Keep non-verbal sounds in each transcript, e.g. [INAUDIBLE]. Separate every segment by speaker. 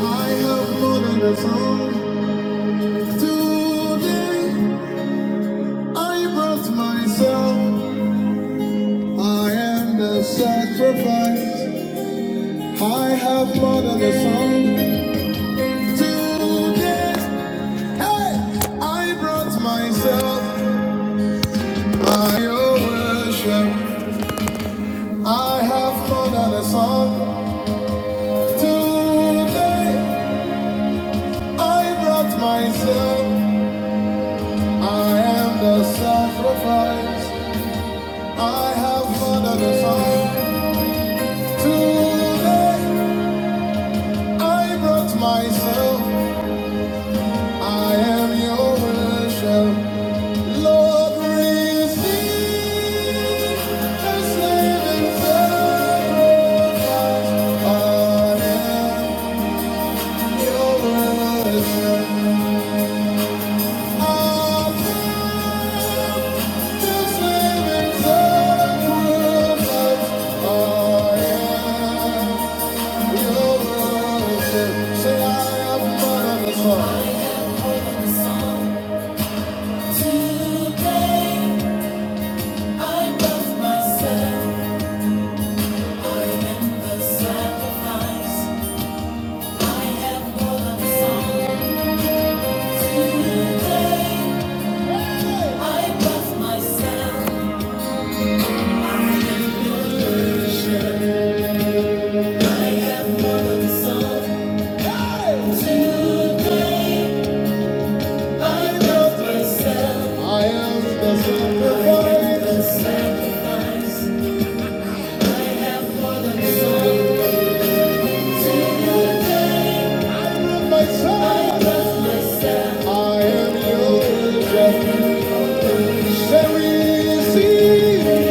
Speaker 1: I have more than a song. Today I brought myself. I am the sacrifice. I have more than a song. Today, hey, I brought myself. I worship. I have more than a song. Today I brought myself. I am the sacrifice. I have more than a song. Today I brought myself. I am your worship. Lord, receive this living sacrifice. I am your worship. I am this living sacrifice. I am your worship. Say, I am more than a song. I am part of the song. Today I love myself. I am the sacrifice. I have fallen song. Today I love myself. I am worship. I have fallen song. Today I love myself. I am the sacrifice. I am the sacrifice. song. Today. myself. I am yours, just receive.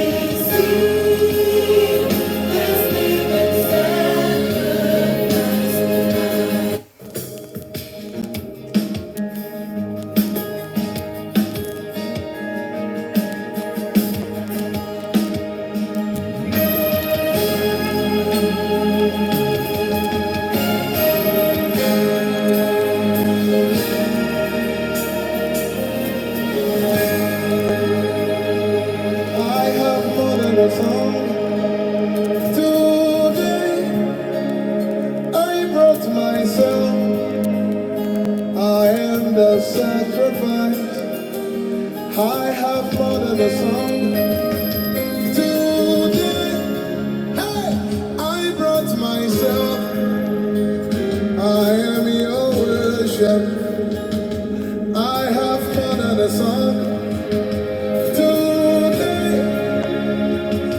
Speaker 1: I have more than a song. Today I brought myself. I am the sacrifice. I have more than a song. Today, hey, I brought myself. I am your worship. I have fun and a song today.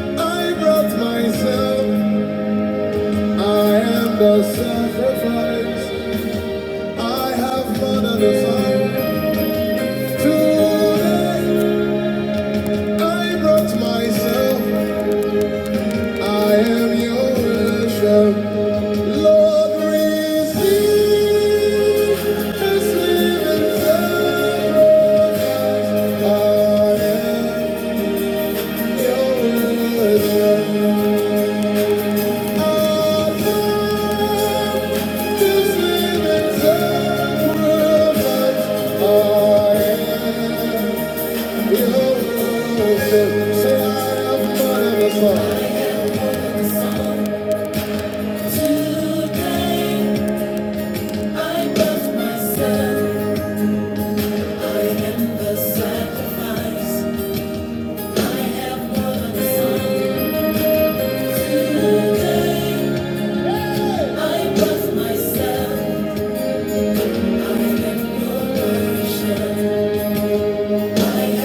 Speaker 1: I brought myself. I am the sacrifice. I have fun and a song today. I brought myself. I am your worship. Lord, receive this living sacrifice. I am your
Speaker 2: Yellow,
Speaker 1: worship.
Speaker 2: yellow, and black,
Speaker 1: Myself, I am your worship. Yeah.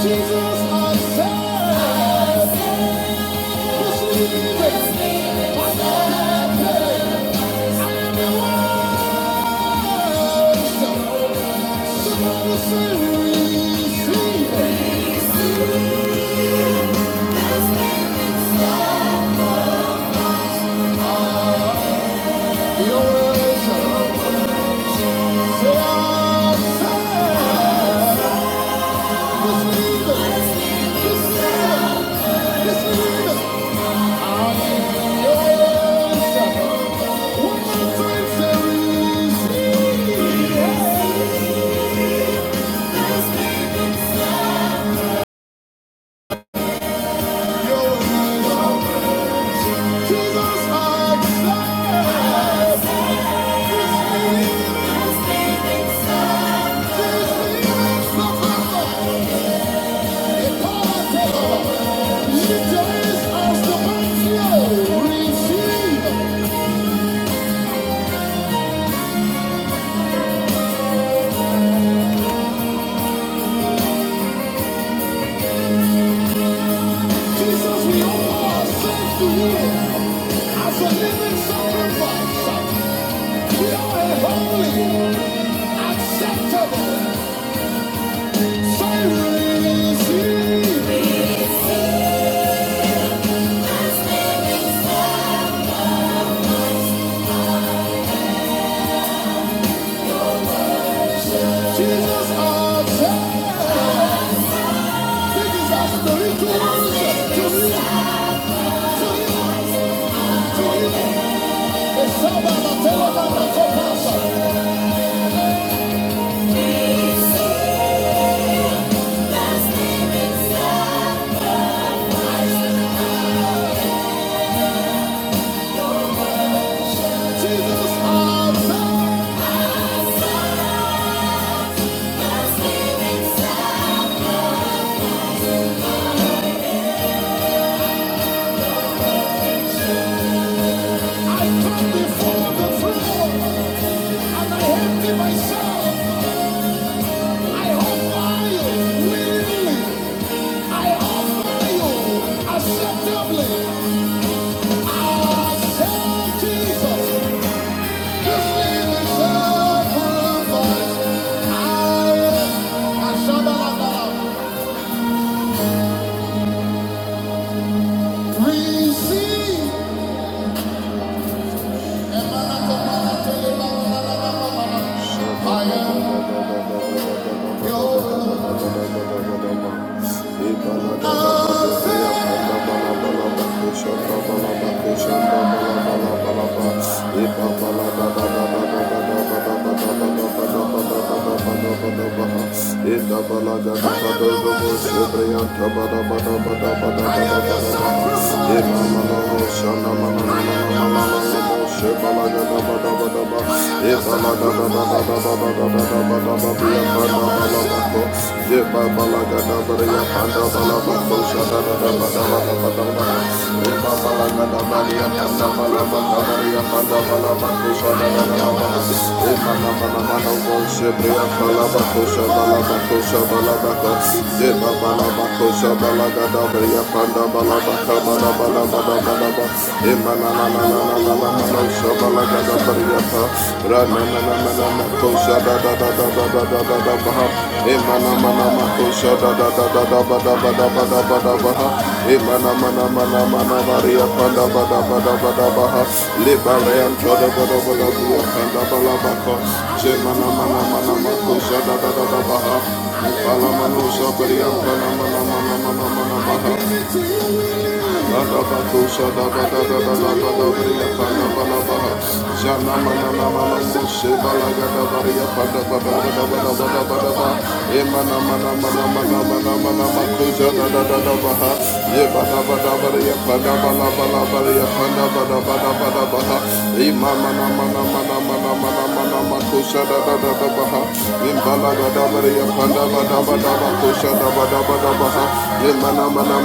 Speaker 1: Jesus, I serve. Receive it. I serve it. I am the one. Receive. Jesus, we offer ourselves to you as a living sacrifice. We are holy, acceptable service. Jesus our Savior. This is our spiritual worship to Him, to Him, to Him. And somebody tell him I'm not so pastor. Jesus our Savior. I come before the throne and I empty myself. I offer willingly. I offer acceptably. I accept Jesus. Give me the sacrifice. I Ashabalaba. receive. I am yours. Ida balaga da ba do no Panda balabaka balabala balabala Shabalaba, Imananananananananana, Shabalagadabariyata, Ranananananamako, Shadadadadadadadadadabaha, Imanamanamako, Shadadadadadadadadadadadadabaha, Imanamanamanamanamariya, Pandabadabadabadabaha, Libarayan, Chodabadabadabriya, Pandabalabako, Shemanamanamanamanako, Shadadadadadabaha, Ipalamanu, Shabariyan, Panamanamanamanamanabaha, Imbalagadabaria Pandabadabadaba Koshadabadabadabaha Ye mana mana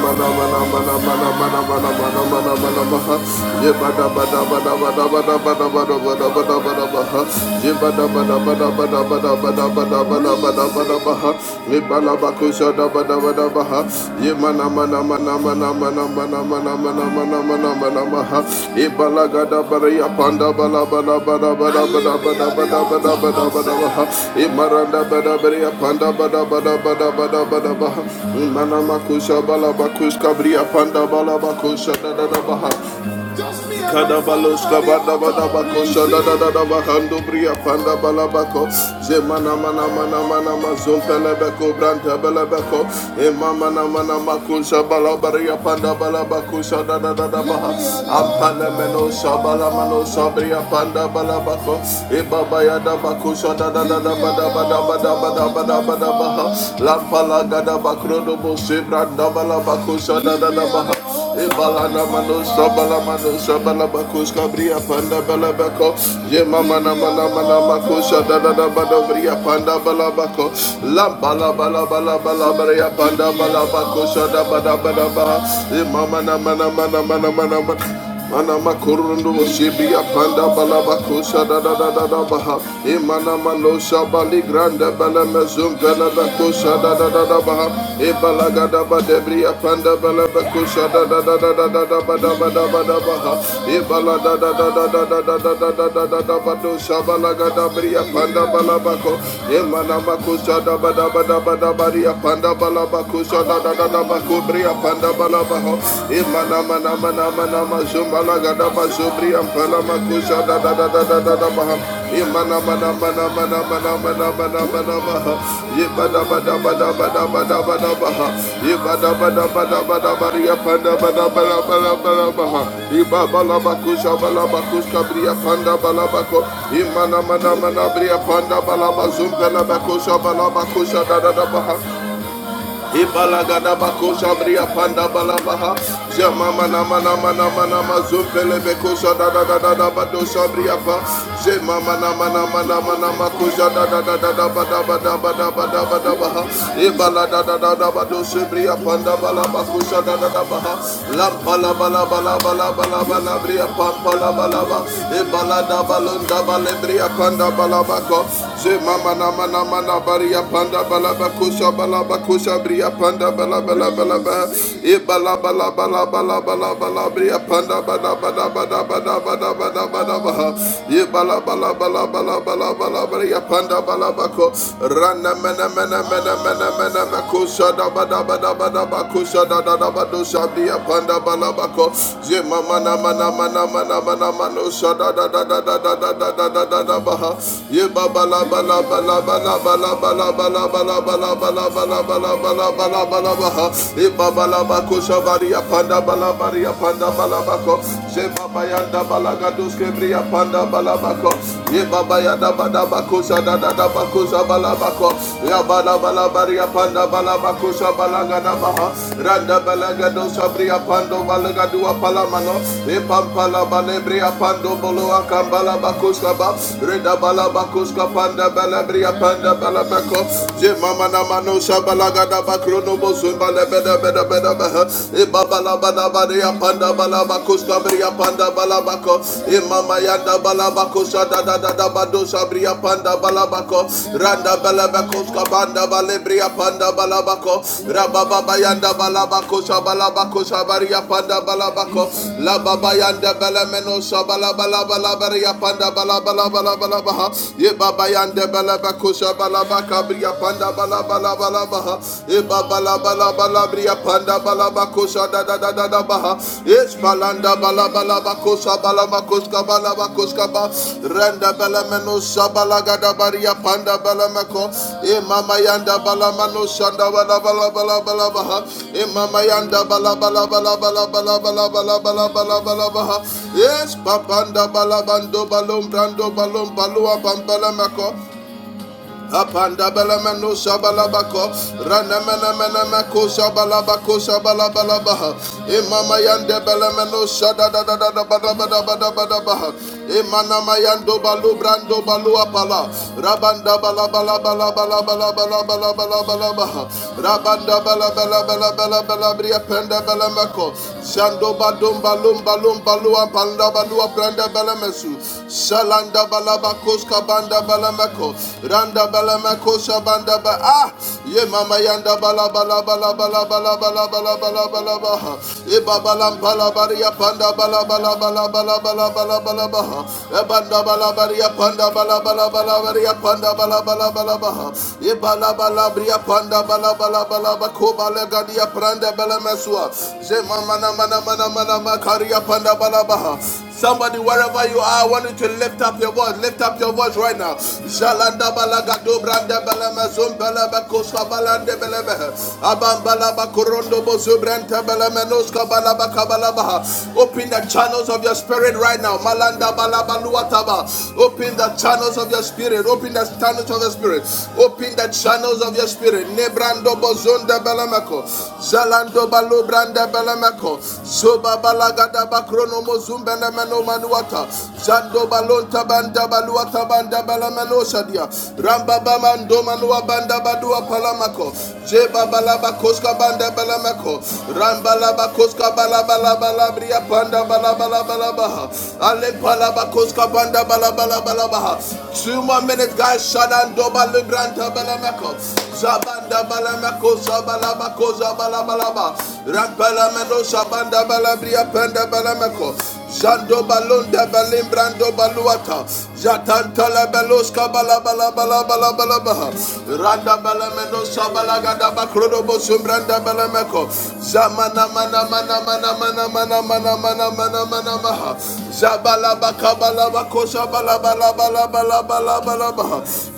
Speaker 1: mana mana mana nama nama nama nama nama nama nama ha. Ibalagada baraya panda bala bala bala bala bala bala bala bala bala bala ha. Imaranda bada baraya panda bada bada bada bada bada bala ha. Imana makusha bala bakush kabriya panda bala bakusha da da da bala ha. Kadabaloska badabadabako shadadadabakando bria panda balabako zemana mana mana mana mazontelebeko brantabelebeko emama mana mana kusha balabaria panda balabako shadadadabaha ampalemeno shabalamano shabria panda balabako ebabaya dabako shadadadabadabadabadabadabadabaha lapalagadabako bakrono bose bala bakusa da da da baha. E bala na mano sabala mano sabala bakus kabria panda bala bako. Ye mama na mana mana makusa da da da bada bria panda bala bako. La bala bala bala bala bria panda bala bakusa da bada bada ba. E mama na mana mana mana mana mana. Mana makurundo shibi panda, balaba kusha da da da da da baha. Imana mano shabali granda bala mezum bala bakusha da da da da baha. Ibalaga da ba debri panda, bala bakusha da da da da da da da ba da ba da ba da baha. Ibala da da da da da da da da da da da da da ba do shabalaga da bri apanda bala bako. Imana makusha da ba da ba da ba da ba ri bala bakusha da da da da bako bri Manda Balabaho, Imanama Nama Nama Nama Zumbala Gadaba Zubri and Palama da da da da da da da Imanama Nama Nama Nama Nama Nama Nama Nama Yibada Bada Bada Bada Bada Bada Baha, Yibada Bada Bada Bada Baria Panda Bada bala Bada Bada Baha, Ibabala Bakusa Balabakuska Bria Panda Balabako, Imanama Nama Bria Panda Balaba Zumbala Bakusa Balabakusa da da da Baha. Ibalagada bakosha bria panda balabaha. Jama mana mana mana mana mazumpele bekosha da da da da da badosha bria pa. Jema mana mana mana mana makosha da da da da da bada bada bada bada bada baha. Ibala da da da da badosha bria panda balabakosha da da da baha. Lampala bala bala bala bala bala bria pampa la bala ba. Ibala da balunda bale bria panda balabako. Jema mana mana mana baria panda balabakosha balabakosha balabakusha bria panda bala bala bala ba e bala bala bala bala bala bria panda bada bada bada bada bada bada bada ba e bala bala bala bala bala bria panda bala bako rana mena mena mena mena mena bakusha da bada bada bada bakusha da bria panda bala bako je mama na mana mana mana mana mano sha da da da da da da da da da da da da ba ye ba ba la Panda bala bakuska panda bala bria panda bala bak Balako, Je Mama Namano Shabalaga Dabakrono Bozumba Lebeda Beda Beda Beha, Ibaba Labada Badia Panda Balabakos Cabria Panda Balabako, Imama Yanda Balabako Shada da da da Bado Sabria Panda Balabako, Randa Balabakos Cabanda Balebria Panda Balabako, Rababa Yanda Balabako Shabalabako Shabaria Panda Balabako, La Baba Yanda Balameno Shabalabala Balabaria Panda Balabala Balabaha, Ye Baba Yanda Balabacosa kosha balaba kabriya panda balaba laba laba ha. E baba laba laba labriya panda balaba kosha da da da da da baha. Es balanda balaba laba kosha balaba koska balaba koska ba. Renda belemeno sabalaga da bariya panda belemeko. E mama yanda balamano shanda balaba laba laba laba ha. E mama yanda balaba laba laba laba laba laba laba laba laba laba ha. Yes, papanda balabando balom brando balom balua bambala mako. Apanda belemeno shabalabako, ranemene menemeko shabalabako shabalabalabaha. Imama yande da shadadadadadabadabadabadabaha. Imana mayando balu brando balu apala. Rabanda balabalabalabalabalabalabalabalabalabaha. Rabanda balabalabalabalabalabria penda belemeko. Shando badum balum balum balu apanda balu apanda belemesu. Shalanda bal balabakoska banda balamako. Randa balamako shabanda ba. Ah! Ye mama yanda balabala balabala balabala balabala balabala. E babalam balabaria panda balabala balabala balabala balabala. E banda balabaria panda balabala balabaria panda balabala balabala. E balabalabria panda balabala balabako balagadia pranda balameswa. Je mama na mana mana mana makaria panda balabaha. Somebody, wherever you are, I want you to lift up your voice. Lift up your voice right now. Shalanda balagado branda balamazum zumbala balande beleme. Abam balabakorondo korondo balamenoska branta Open the channels of your spirit right now. Malanda balaba Open the channels of your spirit. Open the channels of your spirit. Open the channels of your spirit. Nebrando bozonda balamako. Zalando balubranda balamako. Mano, Soba Balagada Bakrono Mozumbele Meno Manuata, Shando Balonta Banda Baluata Banda Balamano Shadia, Ramba Bamando Manua Banda Badua Palamako, Jeba Balaba Koska Banda Balamako, Ramba Laba Koska Balabala Balabria Panda Balabala Balabaha, Ale Palaba Koska Banda Balabala Balabaha. Two more minutes, guys. Shadan Shadando Balagranta Balamako, Zabanda Balamako, Zabala koza balabalaba rampala meno shabanda balabria penda balameko jando balonda balimbrando baluata jatanta la beloska balabalabalabalabalabaha randa balameno shabalagada bakrodo bosumbranda balameko zamana mana mana mana mana mana mana mana mana mana maha zabalabakabalabako shabalabalabalabalabalaba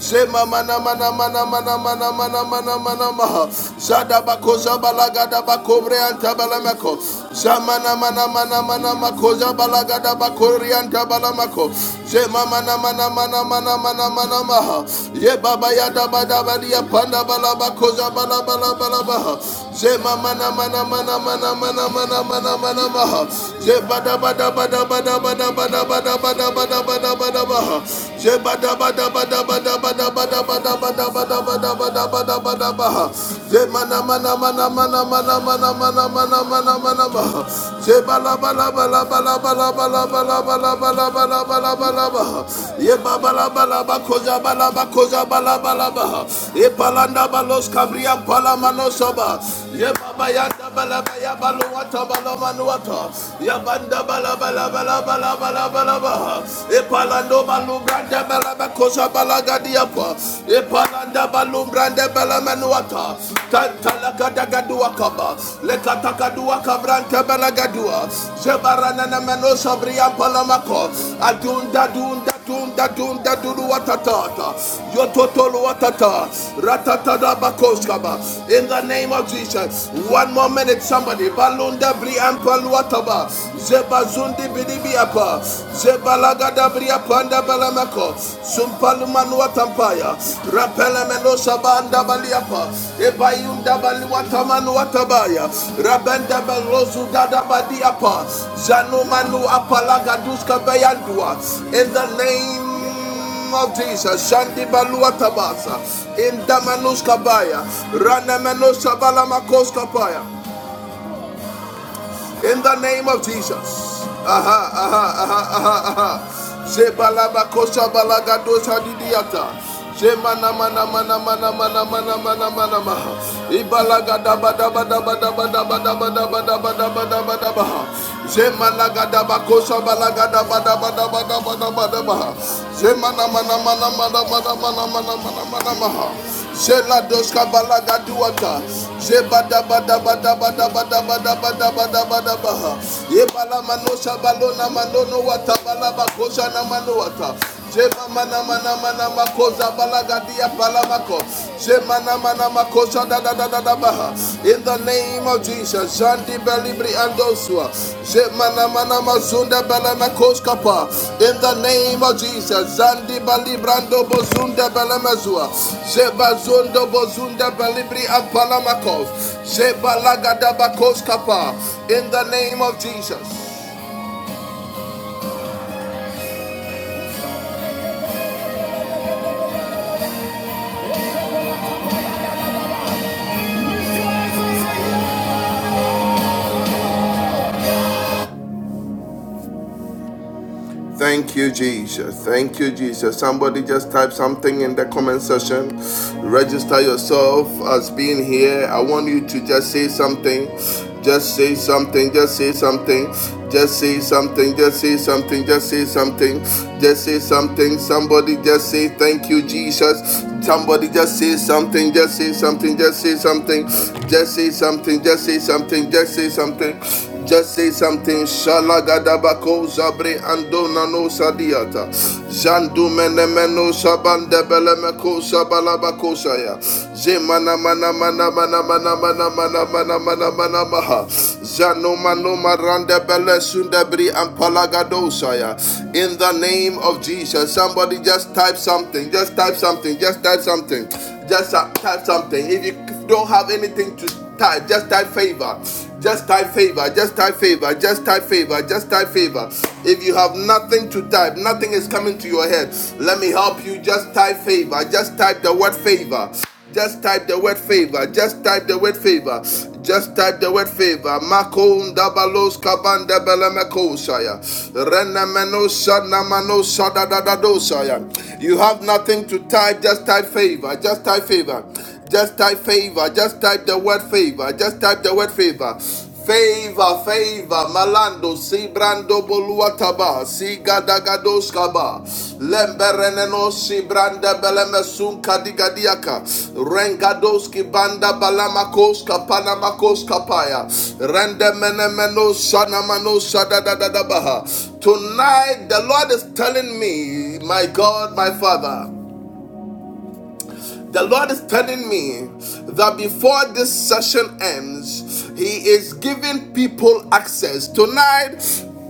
Speaker 1: zema mana mana mana mana mana mana mana mana mana maha. Shada bako zabalaga da bako brianta balamako. Shamana mana mana mana mako zabalaga da bako rianta balamako. Shema mana mana mana mana mana mana maha. Ye baba ya da bada badia panda balabako balabala balabaha. Shema mana mana mana mana mana mana mana mana maha. Sheba da bada bada bada bada bada bada bada bada bada bada maha. Yabanda bala bala bala bala Balabalabaha, Epalando Balumbranda Balabacosa Balagadiapa, Epalanda Balumbranda Balamanuata, Tantalakadagaduakaba, Lekatakaduakabranta Balagadua, Zebaranana Menosa Brian Palamako, Adunda Dunda Dunda dunda dudu watatata. Yototolo watata. Ratatata bakoskaba. In the name of Jesus. One more minute, somebody. Balunda briampa luataba. Zeba zundi bidibiapa. Zeba lagada briapanda balamako. Sumpalumanuatampaya. Rabando Shabanda Baliapa, Ebayunda Baliwataman Watabaya, Rabanda Balozu Gadabadiapa, Zanumanu Apalaga Bayandua, in the name of Jesus. Shandi balua tabasa. Inda manuska baya. Rana manuska baya. In the name of Jesus. Aha, aha, aha, aha, aha. Shebalabakosha balagadosa didiata. Shemana mana mana mana mana mana mana mana maha. Ibalaga daba daba daba daba daba daba daba daba daba daba daba ha. Shemalaga daba kosha balaga daba daba daba daba daba daba ha. Shemana mana mana mana mana mana mana mana mana maha. Shela balaga duata. Zebada bada bada bada bada bada bada bada bada baha. Yebala manosha balona manono wata balaba kosha na manowata. Jema mana mana mana makosa balaga dia palamako. Jema mana mana makosha da da da da baha. In the name name of Jesus. Shandi Belibri Andosua. Zemana Mana Mazunda Belema Koskapa. In the name of Jesus. Zandi Balibrando Bozunda Belemezua. Zebazundo Bozunda Belibri Apalamakos. Zebalagada Bakoskapa. In the name of Jesus. Thank you, Jesus. Thank you, Jesus. Somebody just type something in the comment section. Register yourself as being here. I want you to just say something. Just say something. Just say something. Just say something. Just say something. Just say something. Just say something. Somebody just say thank you, Jesus. Somebody just say something. Just say something. Just say something. Just say something. Just say something. Just say something. Just say something. Shalagadabako zabre andona no sadiata. Zandu menemeno sabande belemeko sabalabako saya. Zemana mana mana mana mana mana mana mana mana mana maha. Zano mano marande bele sundabri ampalagado saya. In the name of Jesus, somebody just type something. Just type something. Just type something. Just type something. If you don't have anything to type, just type favor. Just type favor, just type favor, just type favor, just type favor. If you have nothing to type, nothing is coming to your head, let me help you. Just type favor, just type the word favor. Just type the word favor. Just type the word favor. Just type the word favor. Makon dabalos kabanda belemekosaya. Renemeno shanamano shadadadadosaya. You have nothing to type. Just type favor. Just type favor. Just type favor. Just type the word favor. Just type the word favor. Favor, favor, malando, si brando boluataba, si gadagados kaba, lembereneno si branda belemesun kadigadiaka, rengados ki banda balamakos kapanamakos kapaya, rendemenemeno sanamano sadadadabaha. Tonight the Lord is telling me, my God, my Father. The Lord is telling me that before this session ends, He is giving people access. Tonight,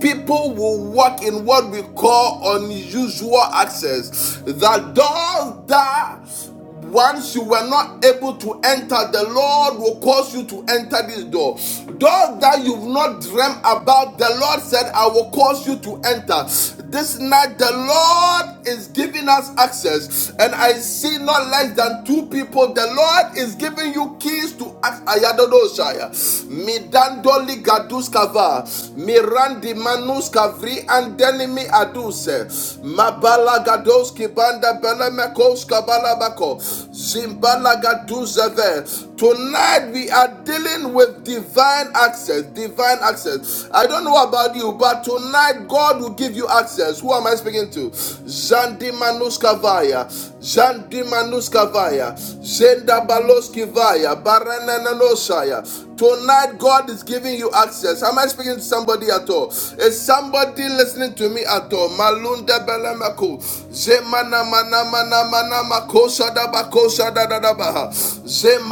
Speaker 1: people will walk in what we call unusual access. The doors that once you were not able to enter, the Lord will cause you to enter this door. Doors that you've not dreamt about, the Lord said, I will cause you to enter. This night, the Lord is giving us access. And I see not less than two people. The Lord is giving you keys to ask Ayadodoshaya. Midandoli Gaduskava. Mirandi Manus Kavri and Denimi Aduse. Mabala Gadoski Banda Belemekos Kabalabako. Zimbala Gaduzeve. Tonight we are dealing with divine access. Divine access. I don't know about you, but tonight God will give you access. Who am I speaking to? Zandi Manuskavaya. Zandi Zenda Baloskivaya. Baranananosaya. Tonight, God is giving you access. Am I speaking to somebody at all? Is somebody listening to me at all? Malunda belemako, zemana mana mana mana mako shada bako shada da da baha,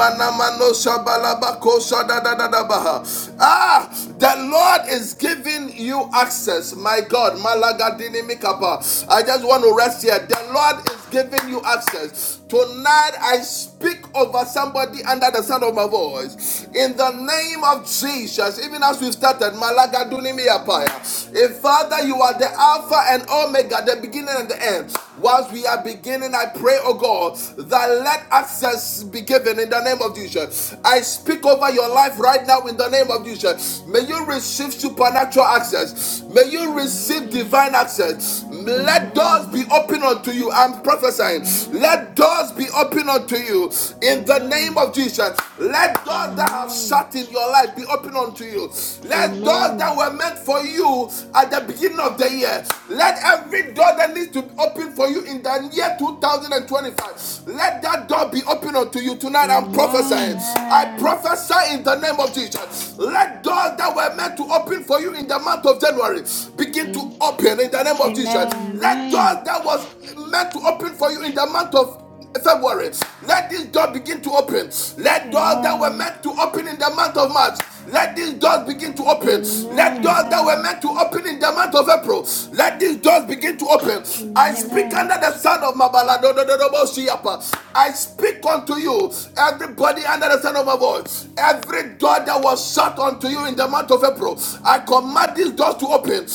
Speaker 1: Ah, the Lord is giving you access. My God, Malagadini Mikapa. I just want to rest here. The Lord is giving you access. Tonight I speak over somebody under the sound of my voice. In the name of Jesus, even as we started, Malagaduni Miapaya. If Father, you are the Alpha and Omega, the beginning and the end. Whilst we are beginning, I pray, oh God, that let access be given in the name of Jesus. I speak over your life right now in the name of Jesus. May you receive supernatural access. May you receive
Speaker 3: Amen.
Speaker 1: divine access. Let doors
Speaker 3: Amen.
Speaker 1: be open unto you. I'm prophesying. Let
Speaker 3: Amen.
Speaker 1: doors be open unto you in the name
Speaker 3: Amen.
Speaker 1: of Jesus. Let doors that have
Speaker 3: Amen.
Speaker 1: shut in your life be open unto you. Let doors that
Speaker 3: Amen.
Speaker 1: were meant for you at the beginning of of the year. Let every door that needs to be open for you in the year 2025, let that door be open unto you tonight. I'm prophesying.
Speaker 3: Amen.
Speaker 1: I
Speaker 4: Amen.
Speaker 1: prophesy in the name of Jesus. Let doors that were meant to open for you in the month of January begin
Speaker 3: A-
Speaker 1: to open in the name of Jesus.
Speaker 4: Amen.
Speaker 1: Let doors
Speaker 3: Amen.
Speaker 1: that was meant to open for you in the month of February. Let these doors begin to open. Let doors that were
Speaker 4: Amen.
Speaker 1: meant to open in the month of March. Let these doors begin to open. Let doors
Speaker 3: Amen. Amen.
Speaker 1: that were
Speaker 4: Amen.
Speaker 1: meant to open in the month of April. Let these doors begin to open. I speak
Speaker 3: Amen.
Speaker 1: under
Speaker 4: Amen.
Speaker 1: the son of Mabaladododobosiyapa. I speak unto you, everybody under the son of my voice. Every door that was shut unto you in the month of April, I command these doors to open.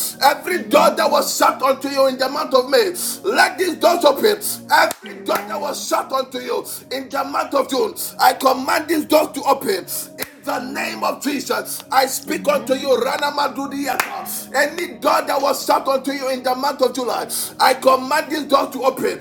Speaker 4: Amen.
Speaker 1: Every door that
Speaker 4: Amen.
Speaker 1: was shut unto you in the month of May, let these these doors open. Every door that was
Speaker 4: Amen.
Speaker 1: shut unto you in the month of June, I command these doors to open. In the name
Speaker 4: Amen.
Speaker 1: of Jesus, I speak unto you,
Speaker 3: Amen.
Speaker 1: Rana Madudiyata. Any door that was shut unto you in the month of July, I command this door to open.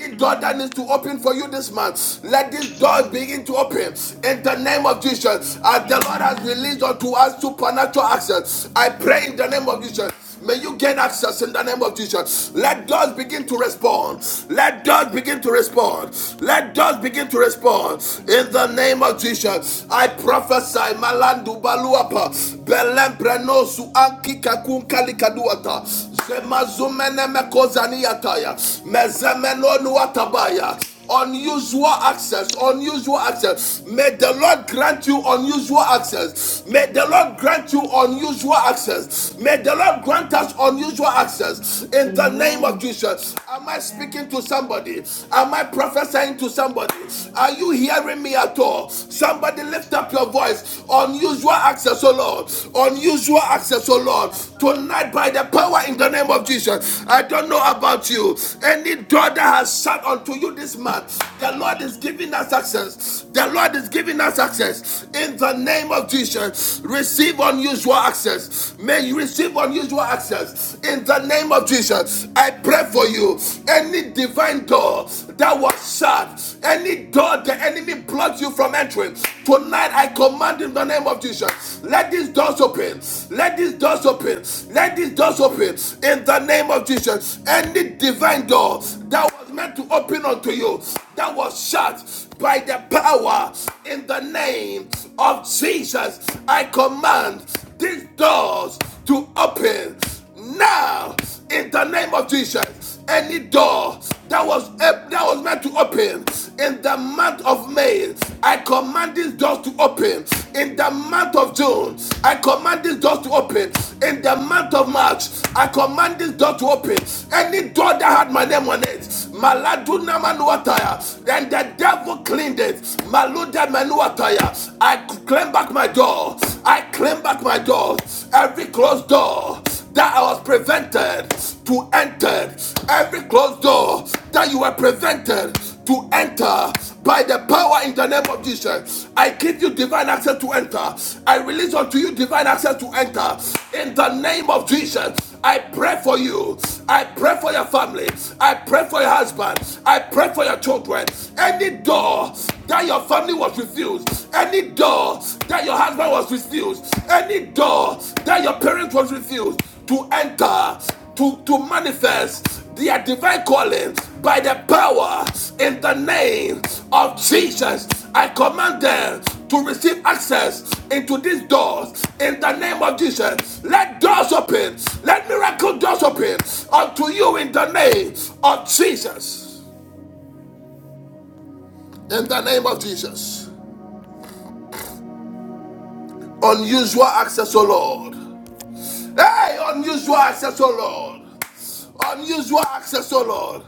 Speaker 1: Any door that
Speaker 4: Amen.
Speaker 1: needs to open for you this month, let this door
Speaker 4: Amen.
Speaker 1: begin to open. In the name of Jesus, as the Lord has
Speaker 4: Amen.
Speaker 3: Amen.
Speaker 1: released unto us supernatural access, I pray in the name of Jesus. May you gain access in the name of Jesus. Let doors begin to respond. Let doors begin to respond. Let doors begin to respond. In the name of Jesus, I prophesy
Speaker 4: Thank you, Jesus. Thank you, Jesus. Amen. Amen. Thank you, Jesus.
Speaker 1: Malandu Baluapa, Belembreno su anki
Speaker 4: Amen.
Speaker 1: kakun kalikaduata, Zemazumene mekozaniataya, Mezemeno nuatabaya unusual access unusual access may the lord grant you unusual access may the lord grant you unusual access may the
Speaker 4: Amen.
Speaker 1: lord grant us unusual access
Speaker 3: Amen.
Speaker 1: in the name of
Speaker 3: Amen.
Speaker 1: jesus am i speaking to somebody am i prophesying to somebody
Speaker 3: Yes.
Speaker 1: are you hearing me at all somebody
Speaker 3: Yes,
Speaker 1: lift up your voice unusual access oh lord
Speaker 4: Amen.
Speaker 1: unusual
Speaker 3: we are
Speaker 1: access oh lord
Speaker 3: called.
Speaker 1: tonight by the power in the name of
Speaker 4: Amen.
Speaker 1: jesus i
Speaker 4: Amen.
Speaker 1: don't know about you any door that has shut unto you this this month. The Lord is giving
Speaker 4: Amen.
Speaker 1: us access. The Lord is giving us access. In the name of Jesus, receive unusual access. May you receive unusual access. In the name of Jesus, I pray for you. Any divine door that was shut, any door the enemy blocked you from entering, tonight I command in the name of Jesus, let these doors open. Let these doors open. Let these doors open. In the name of Jesus, any divine door that was was meant to open unto you that was shut by the power in the name of Jesus. I command these doors to open now in the name of Jesus. Any door that was eh, that was meant to open in the month of May, I command these doors to open in the month of June open. I command this door to open. In the month of March, I command this door to open. Any door that had my name on it, Maladuna Manuataya, then the devil cleaned it. Maluda Manuataya. I claim back my door. I claim back my door. Every closed door that I was prevented to enter, every closed door that you were prevented to enter by the power in the name of Jesus, I give you divine access to enter. I release unto you divine access to enter in the name of Jesus. I pray for you. I pray for your family. I pray for your husband. I pray for your children. Any door that your family was refused, any door that your husband was refused, any door that your parents was refused, to enter, to, to manifest their divine calling by the power in the name of Jesus. I command them to receive access into these doors in the name of Jesus. Let doors open, let miracle doors open unto you in the name of Jesus. In the name of Jesus. Unusual access, O Lord. Hey, unusual access, oh Lord. Unusual access, oh Lord.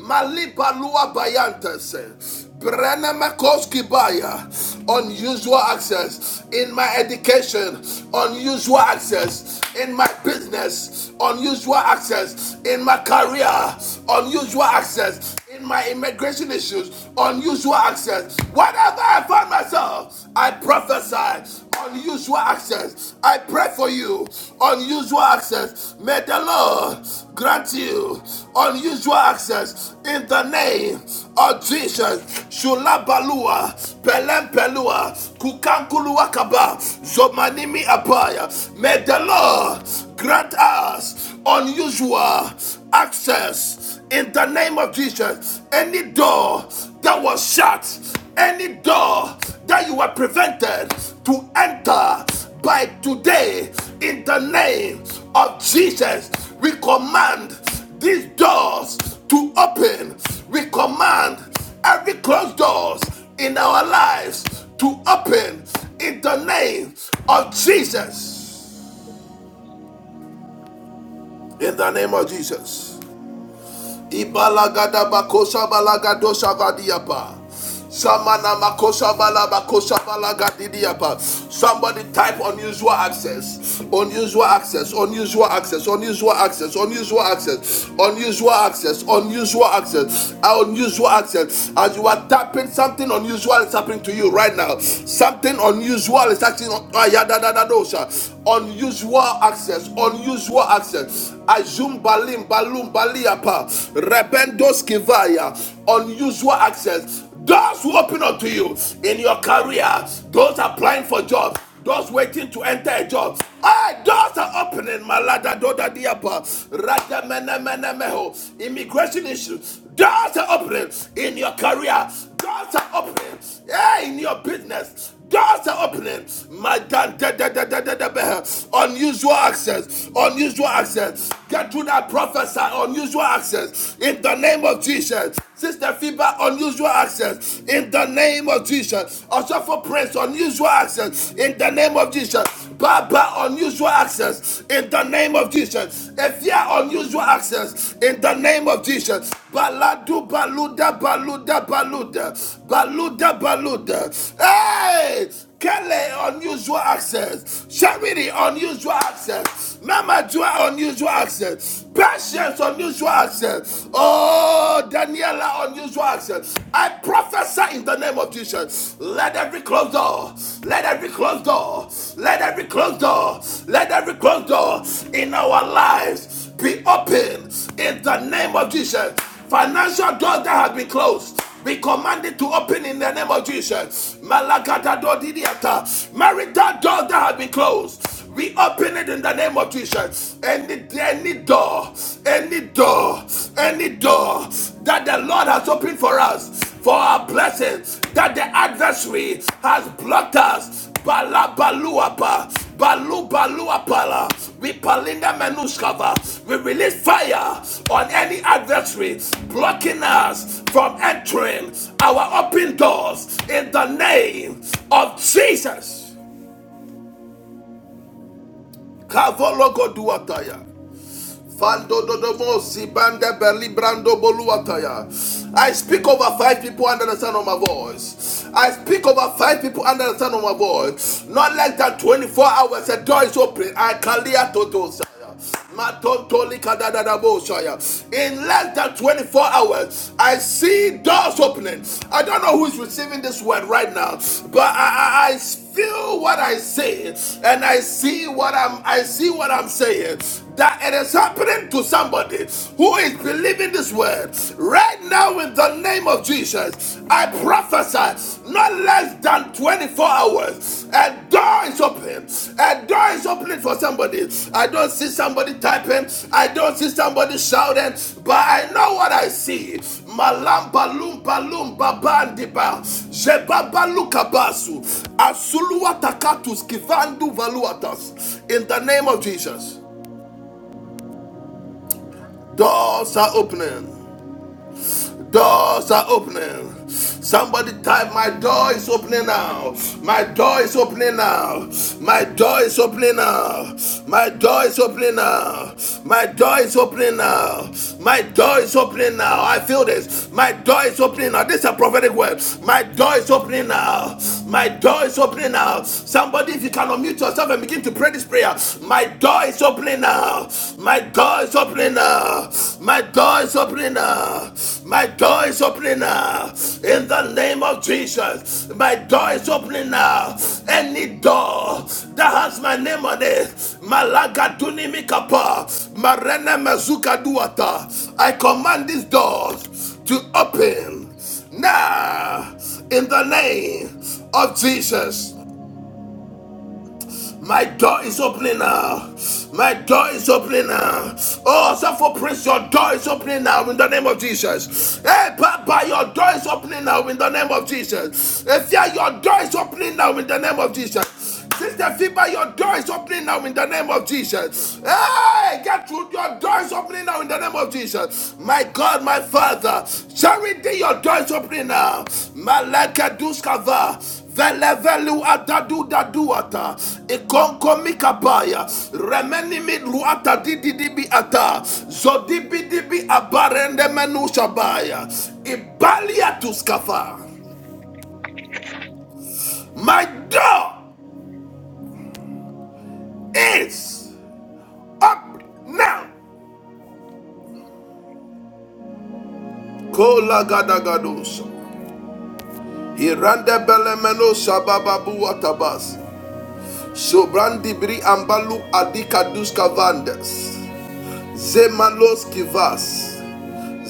Speaker 1: Malipa lua bayantes. Brana Makoski Baya. Unusual access in my education. Unusual access in my business. Unusual access in my career. Unusual access in my immigration issues. Unusual access. Whatever I find myself, I prophesy unusual access. I pray for you, unusual access. May the Lord grant you unusual access in the name of Jesus. Shulabalua, Pelempelua, Kukankuluakaba, Zomanimi Apaya. May the Lord grant us unusual access in the name of Jesus, any door that was shut, any door that you were prevented to enter by today, in the name of Jesus, we command these doors to open. We command every closed doors in our lives to open in the name of Jesus. In the name of Jesus. Ibalagada bakosha balagadosha vadiapa. Samana makosha balabakosha balagadidiapa. Somebody type unusual access, unusual access, unusual access, unusual access, unusual access, unusual access, unusual access, unusual access. As you are tapping, something unusual is happening to you right now. Something unusual is actually unusual access, unusual access. Azum balim Balumbaliapa, Rependos Kivaya, unusual access. Doors will open up to you in your career. Those applying for jobs. Those waiting to enter a job. Hey, doors are opening. Malada Doda Diapa. Rada mena, mena, Meho. Immigration issues. Doors are opening in your career. Doors are opening. Yeah, in your business. Doors are opening. My God, da- da- da- da- da- da- unusual access, unusual access. Get to that prophesy, unusual access. In the name of Jesus. Sister Fiba, unusual access. In the name of Jesus. Also for Prince, unusual access. In the name of Jesus. Baba, unusual access. In the name of Jesus. If you are unusual access, in the name of Jesus. Baladu baluda baluda baluda baluda baluda. Hey, Kele unusual access, Charity unusual access, Mama Joa unusual access, Patience unusual access. Oh, Daniela unusual access. I prophesy in the name of Jesus. Let every closed door, let every closed door, let every closed door, let every closed door in our lives be open in the name of Jesus. Financial doors that have been closed. Be commanded to open in the name of Jesus. Malakata do didiata. Marital doors that have been closed. We open it in the name of Jesus. Any any door, any door, any door that the Lord has opened for us for our blessings that the adversary has blocked us. Bala baluapa, balu baluapala, we palinda menuskava. We release fire on any adversary blocking us from entering our open doors in the name of Jesus. Kavologoduataya. I speak over five people under the sound of my voice. I speak over five people under the sound of my voice. Not less than 24 hours, a door is open. I kalia totosaya. Matontoli kadadadabosaya. In less than 24 hours, I see doors opening. I don't know who's receiving this word right now, but I, I, I feel what I say, and I see what I'm I see what I'm saying that it is happening to somebody who is believing this word right now in the name of Jesus. I prophesy not less than 24 hours. A door is open. A door is opening for somebody. I don't see somebody typing. I don't see somebody shouting, but I know what I see. Malamba lumba lumba bandiba. Jebaba lukabasu. Asuluwa takatus kivandu valuatas. In the name of Jesus. Doors are opening. Doors are opening. Somebody type, My door is opening now. My door is opening now. My door is opening now. My door is opening now. My door is opening now. My door is opening now. I feel this. My door is opening now. This is a prophetic word. My door is opening now. My door is opening now. Somebody, if you can unmute yourself and begin to pray this prayer, my door is opening now now. My door is opening now. My door is opening now. My door is opening now. In the name of Jesus, my door is opening now. Any door that has my name on it, Malaga Dunimikapa, Marene Mazuka Duata, I command these doors to open now in the name of Jesus. My door is opening now. My door is opening now. Oh, Suffer Prince, your door is opening now in the name of Jesus. Hey, Papa, your door is opening now in the name of Jesus. If your door is opening now in the name of Jesus. Sister Fiba, your door is opening now in the name of Jesus. Hey, get through. Your door is opening now in the name of Jesus. My God, my Father. Charity, your door is opening now. Malaka Duskava. Velevelu adadu daduata ikonko mikapaya remeni midluata dididibi ata zodibi dibi abarende menu shabaya ibalia tuskafa. My door is up now. Kola gadagadosa hirande belemeno shabababu atabas sobrandibri ambalu adikaduska vandes zemalos kivas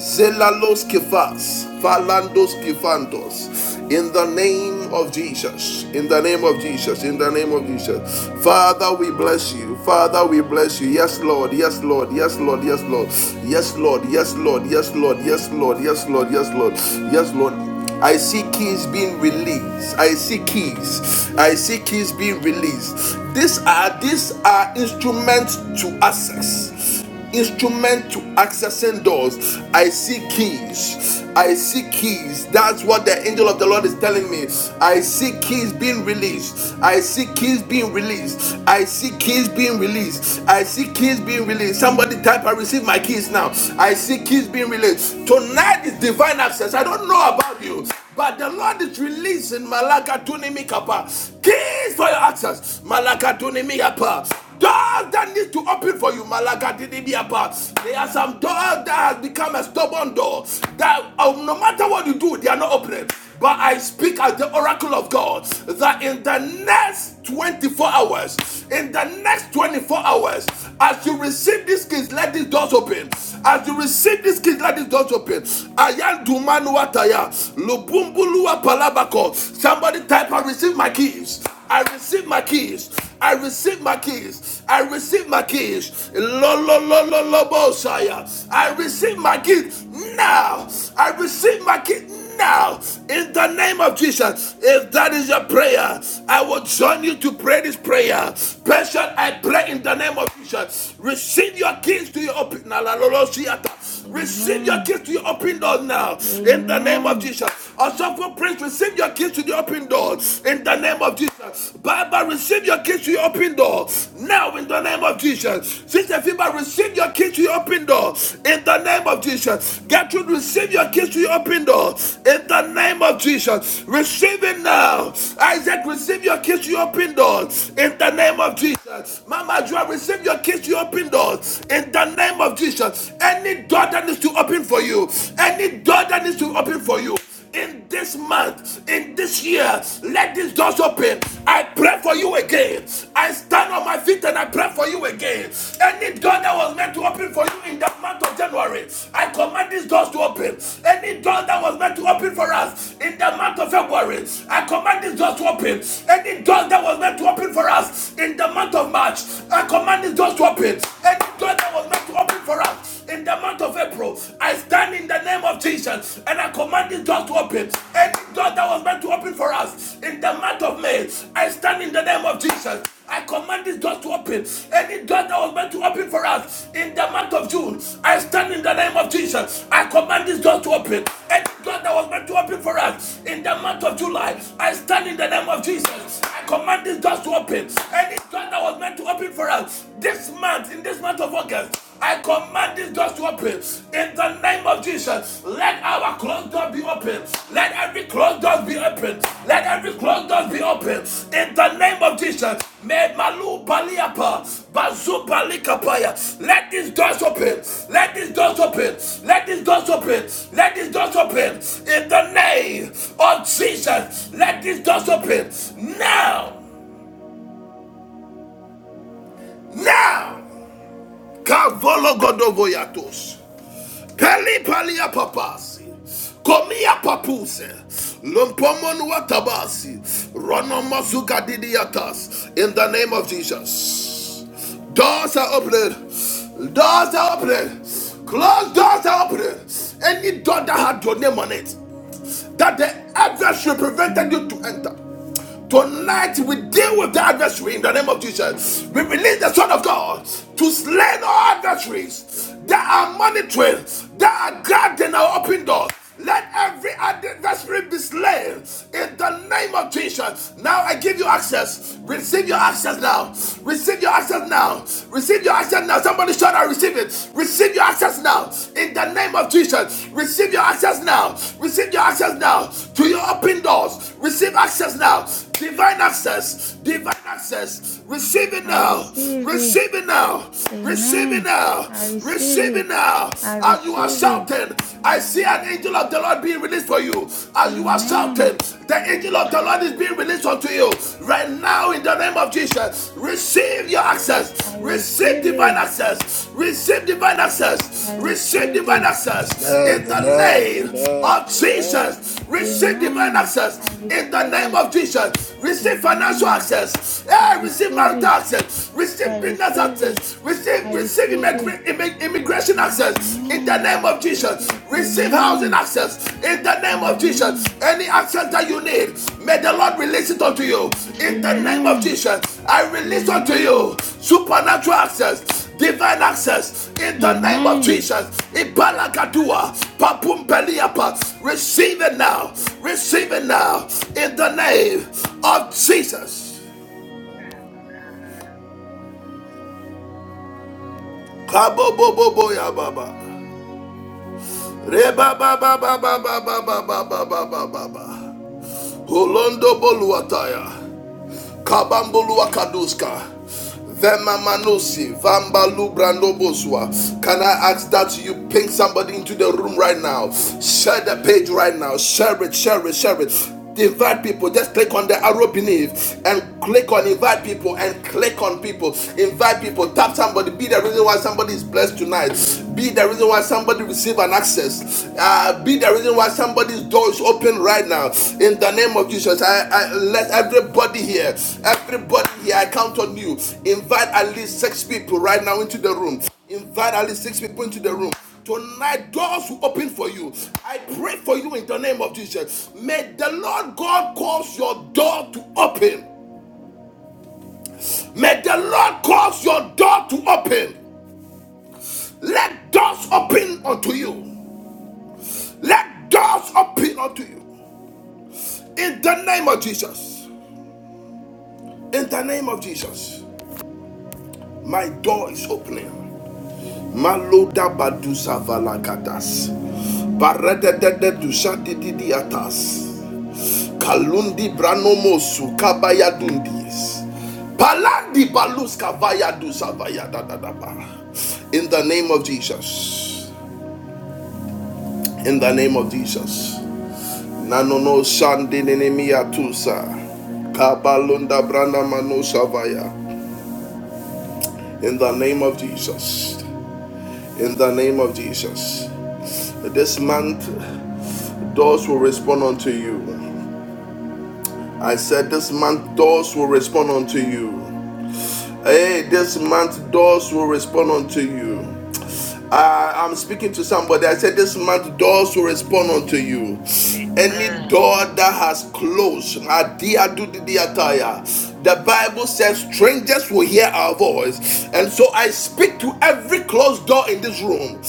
Speaker 1: Zelalos kifas, falandos kifantos. In the name of Jesus, in the name of Jesus, in the name of Jesus. Father, we bless you. Father, we bless you. Yes, Lord, yes, Lord, yes, Lord, yes, Lord. Yes, Lord, yes, Lord, yes, Lord, yes, Lord, yes, Lord, yes, Lord, yes, Lord. I see keys being released. I see keys. I see keys being released. These are these are instruments to access instrument to accessing doors. I see keys. I see keys. That's what the angel of the Lord is telling me. I see keys being released. I see keys being released. I see keys being released. I see keys being released. Somebody type, I receive my keys now. I see keys being released. Tonight is divine access. I don't know about you, but the Lord. Ayandumanuataya. Lubumbulua palabako. Somebody type, I receive my keys. I receive my keys. I receive my keys. I receive my keys. Lo lo lo lo lo bosaya. I receive my keys now. I receive my keys now. In the name of Jesus. If that is your prayer, I will join you to pray this prayer. Patient, I pray in the name of Jesus. Receive your keys to your open. Receive your
Speaker 3: Amen.
Speaker 1: keys to your open door now. In the name of
Speaker 3: Amen.
Speaker 1: Jesus. Osofo Prince, receive your keys to the open door. In the name of Jesus. Baba, receive your keys to your open door. Now, in the name of Jesus. Sister Fiba, receive your keys to your open door. In the name of Jesus. Gertrude, receive your keys to your open door. In the name of Jesus. Receive it now. Isaac, receive your keys to your open door. In the name of Jesus. Mama Joa, receive your keys to your open door. In the the name of Jesus, any door that needs to open for you, any door that needs to open for you, in this month, in this year, let these doors open. I pray for you again. I stand on my feet and I pray for you again. Any door that was meant to open for you in the month of January, I command these doors to open. Any door that was meant to open for us in the month of February, I command these doors to open. Any door that was meant to open for us in the month of March, I command these doors doors to open. Any door that was not to open for us in the month of April, I stand in the name of Jesus and I command this door to open. Any door that was meant to open for us in the month of May, I stand in the name of Jesus. I command this door to open. Any door that was meant to open for us in the month of June, I stand in the name of Jesus. I command this door to open. Any door that was meant to open for us in the month of July, I stand in the name of Jesus. I command this door to open. Any door that was meant to open for us this month, in this month of August. I command these doors to open in the name of Jesus. Let our closed door be open. Let every closed door be open. Let every closed door be open in the name of Jesus. May Malu Baliapa Bazu Balikapaya. Let these doors open. Let these doors open. Let these doors open. Let these doors open in the name of Jesus. Let these doors open now. Now. Kavolo godovo yatos. Peli palia papasi. Komia papuse. Lumpomon watabasi. Ronomazuka didiatas. In the name of Jesus. Doors are opened. Doors are opened. Closed doors are opened. Any door that had your name on it, that the adversary prevented you to enter. Tonight we deal with the adversary in the name of Jesus. We release the Son of God to slay all adversaries that are monitoring, that are guarding our open doors. Let every adversary be slain in the name of Jesus. Now I give you access. Receive your access now. Receive your access now. Receive your access now. Somebody shout, I receive it. Receive your access now in the name of Jesus. Receive your access now. Receive your access now to your open doors. Receive access now divine access, divine access. Receive it
Speaker 3: I
Speaker 1: now,
Speaker 3: receive it.
Speaker 1: receive it now, receive it
Speaker 3: Amen.
Speaker 1: now,
Speaker 3: I receive
Speaker 1: receive it
Speaker 3: it.
Speaker 1: now.
Speaker 3: I
Speaker 1: As you are
Speaker 3: receive it.
Speaker 1: shouting, I see an angel of the Lord being released for you. As you are
Speaker 3: Amen.
Speaker 1: shouting, the angel of the Lord is being released unto you right now in the name of Jesus. Receive your access.
Speaker 3: I
Speaker 1: Receive
Speaker 3: receive
Speaker 1: divine
Speaker 3: it.
Speaker 1: access. Receive divine access.
Speaker 3: I
Speaker 1: Receive
Speaker 3: receive
Speaker 1: divine
Speaker 3: it.
Speaker 1: access
Speaker 5: Amen.
Speaker 1: in the
Speaker 5: Amen.
Speaker 1: name
Speaker 5: Amen.
Speaker 1: of
Speaker 5: Amen.
Speaker 1: Jesus.
Speaker 5: Amen.
Speaker 1: Receive divine
Speaker 3: Amen.
Speaker 1: access
Speaker 3: I
Speaker 1: in the
Speaker 3: receive
Speaker 1: name
Speaker 3: it.
Speaker 1: of Jesus. Receive financial
Speaker 3: Amen.
Speaker 1: access.
Speaker 3: I
Speaker 1: Hey, receive
Speaker 3: receive
Speaker 1: marital
Speaker 3: it.
Speaker 1: access.
Speaker 3: I
Speaker 1: Receive business
Speaker 3: receive it.
Speaker 1: access. Receive
Speaker 3: I
Speaker 1: receive
Speaker 3: receive it.
Speaker 1: immigra- immig- immigration access in the
Speaker 3: Amen. I
Speaker 1: name of
Speaker 3: receive
Speaker 1: Jesus.
Speaker 3: it.
Speaker 1: Receive housing
Speaker 3: Amen.
Speaker 1: access in the name of Jesus.
Speaker 3: Amen.
Speaker 1: Any access that you need, may the Lord release it unto you in the name of
Speaker 3: Amen.
Speaker 1: Jesus. I release unto you supernatural access, divine access in the name of
Speaker 3: Amen. Amen.
Speaker 1: Jesus. Ibalakadua, papumpeliapa. Receive it now. Receive it now in the name of Jesus. Kaboboboboyababa. Rebabababababababababababa. Holondo boluataya. Kabamboluakaduska. Vemamanusi, Vambalu Brandoboswa. Can I ask that you ping somebody into the room right now? Share the page right now. Share it, share it, share it. Invite people. Just click on the arrow beneath and click on invite people and click on people. Invite people. Tap somebody. Be the reason why somebody is blessed tonight. Be the reason why somebody receive an access uh, be the reason why somebody's door is open right now in the name of jesus i, I let everybody here everybody here i count on you invite at least six people right now into the room invite at least six people into the room Tonight, doors will open for you. I pray for you in the name of Jesus. May the Lord God cause your door to open. May the Lord cause your door to open. Let doors open unto you. Let doors open unto you. In the name of Jesus. In the name of Jesus. My door is opening. Maloda badusa valakatas. Barededede dusa dididiatas. Kalundi branomosu kabayadundis. Palandi baluska vaya dusa vaya da da da ba. In the name, the name of Jesus. Nanono shandinimia tusa. Kabalunda branda mano savaya. Of Jesus. This month, doors will respond unto you. Said this month doors will respond unto you. Hey, this month doors will respond unto you. Uh, I'm speaking to somebody. I said, This month, doors will respond unto you. Any door that has closed, the Bible says, Strangers will hear our voice. And so I speak to every closed door in this room.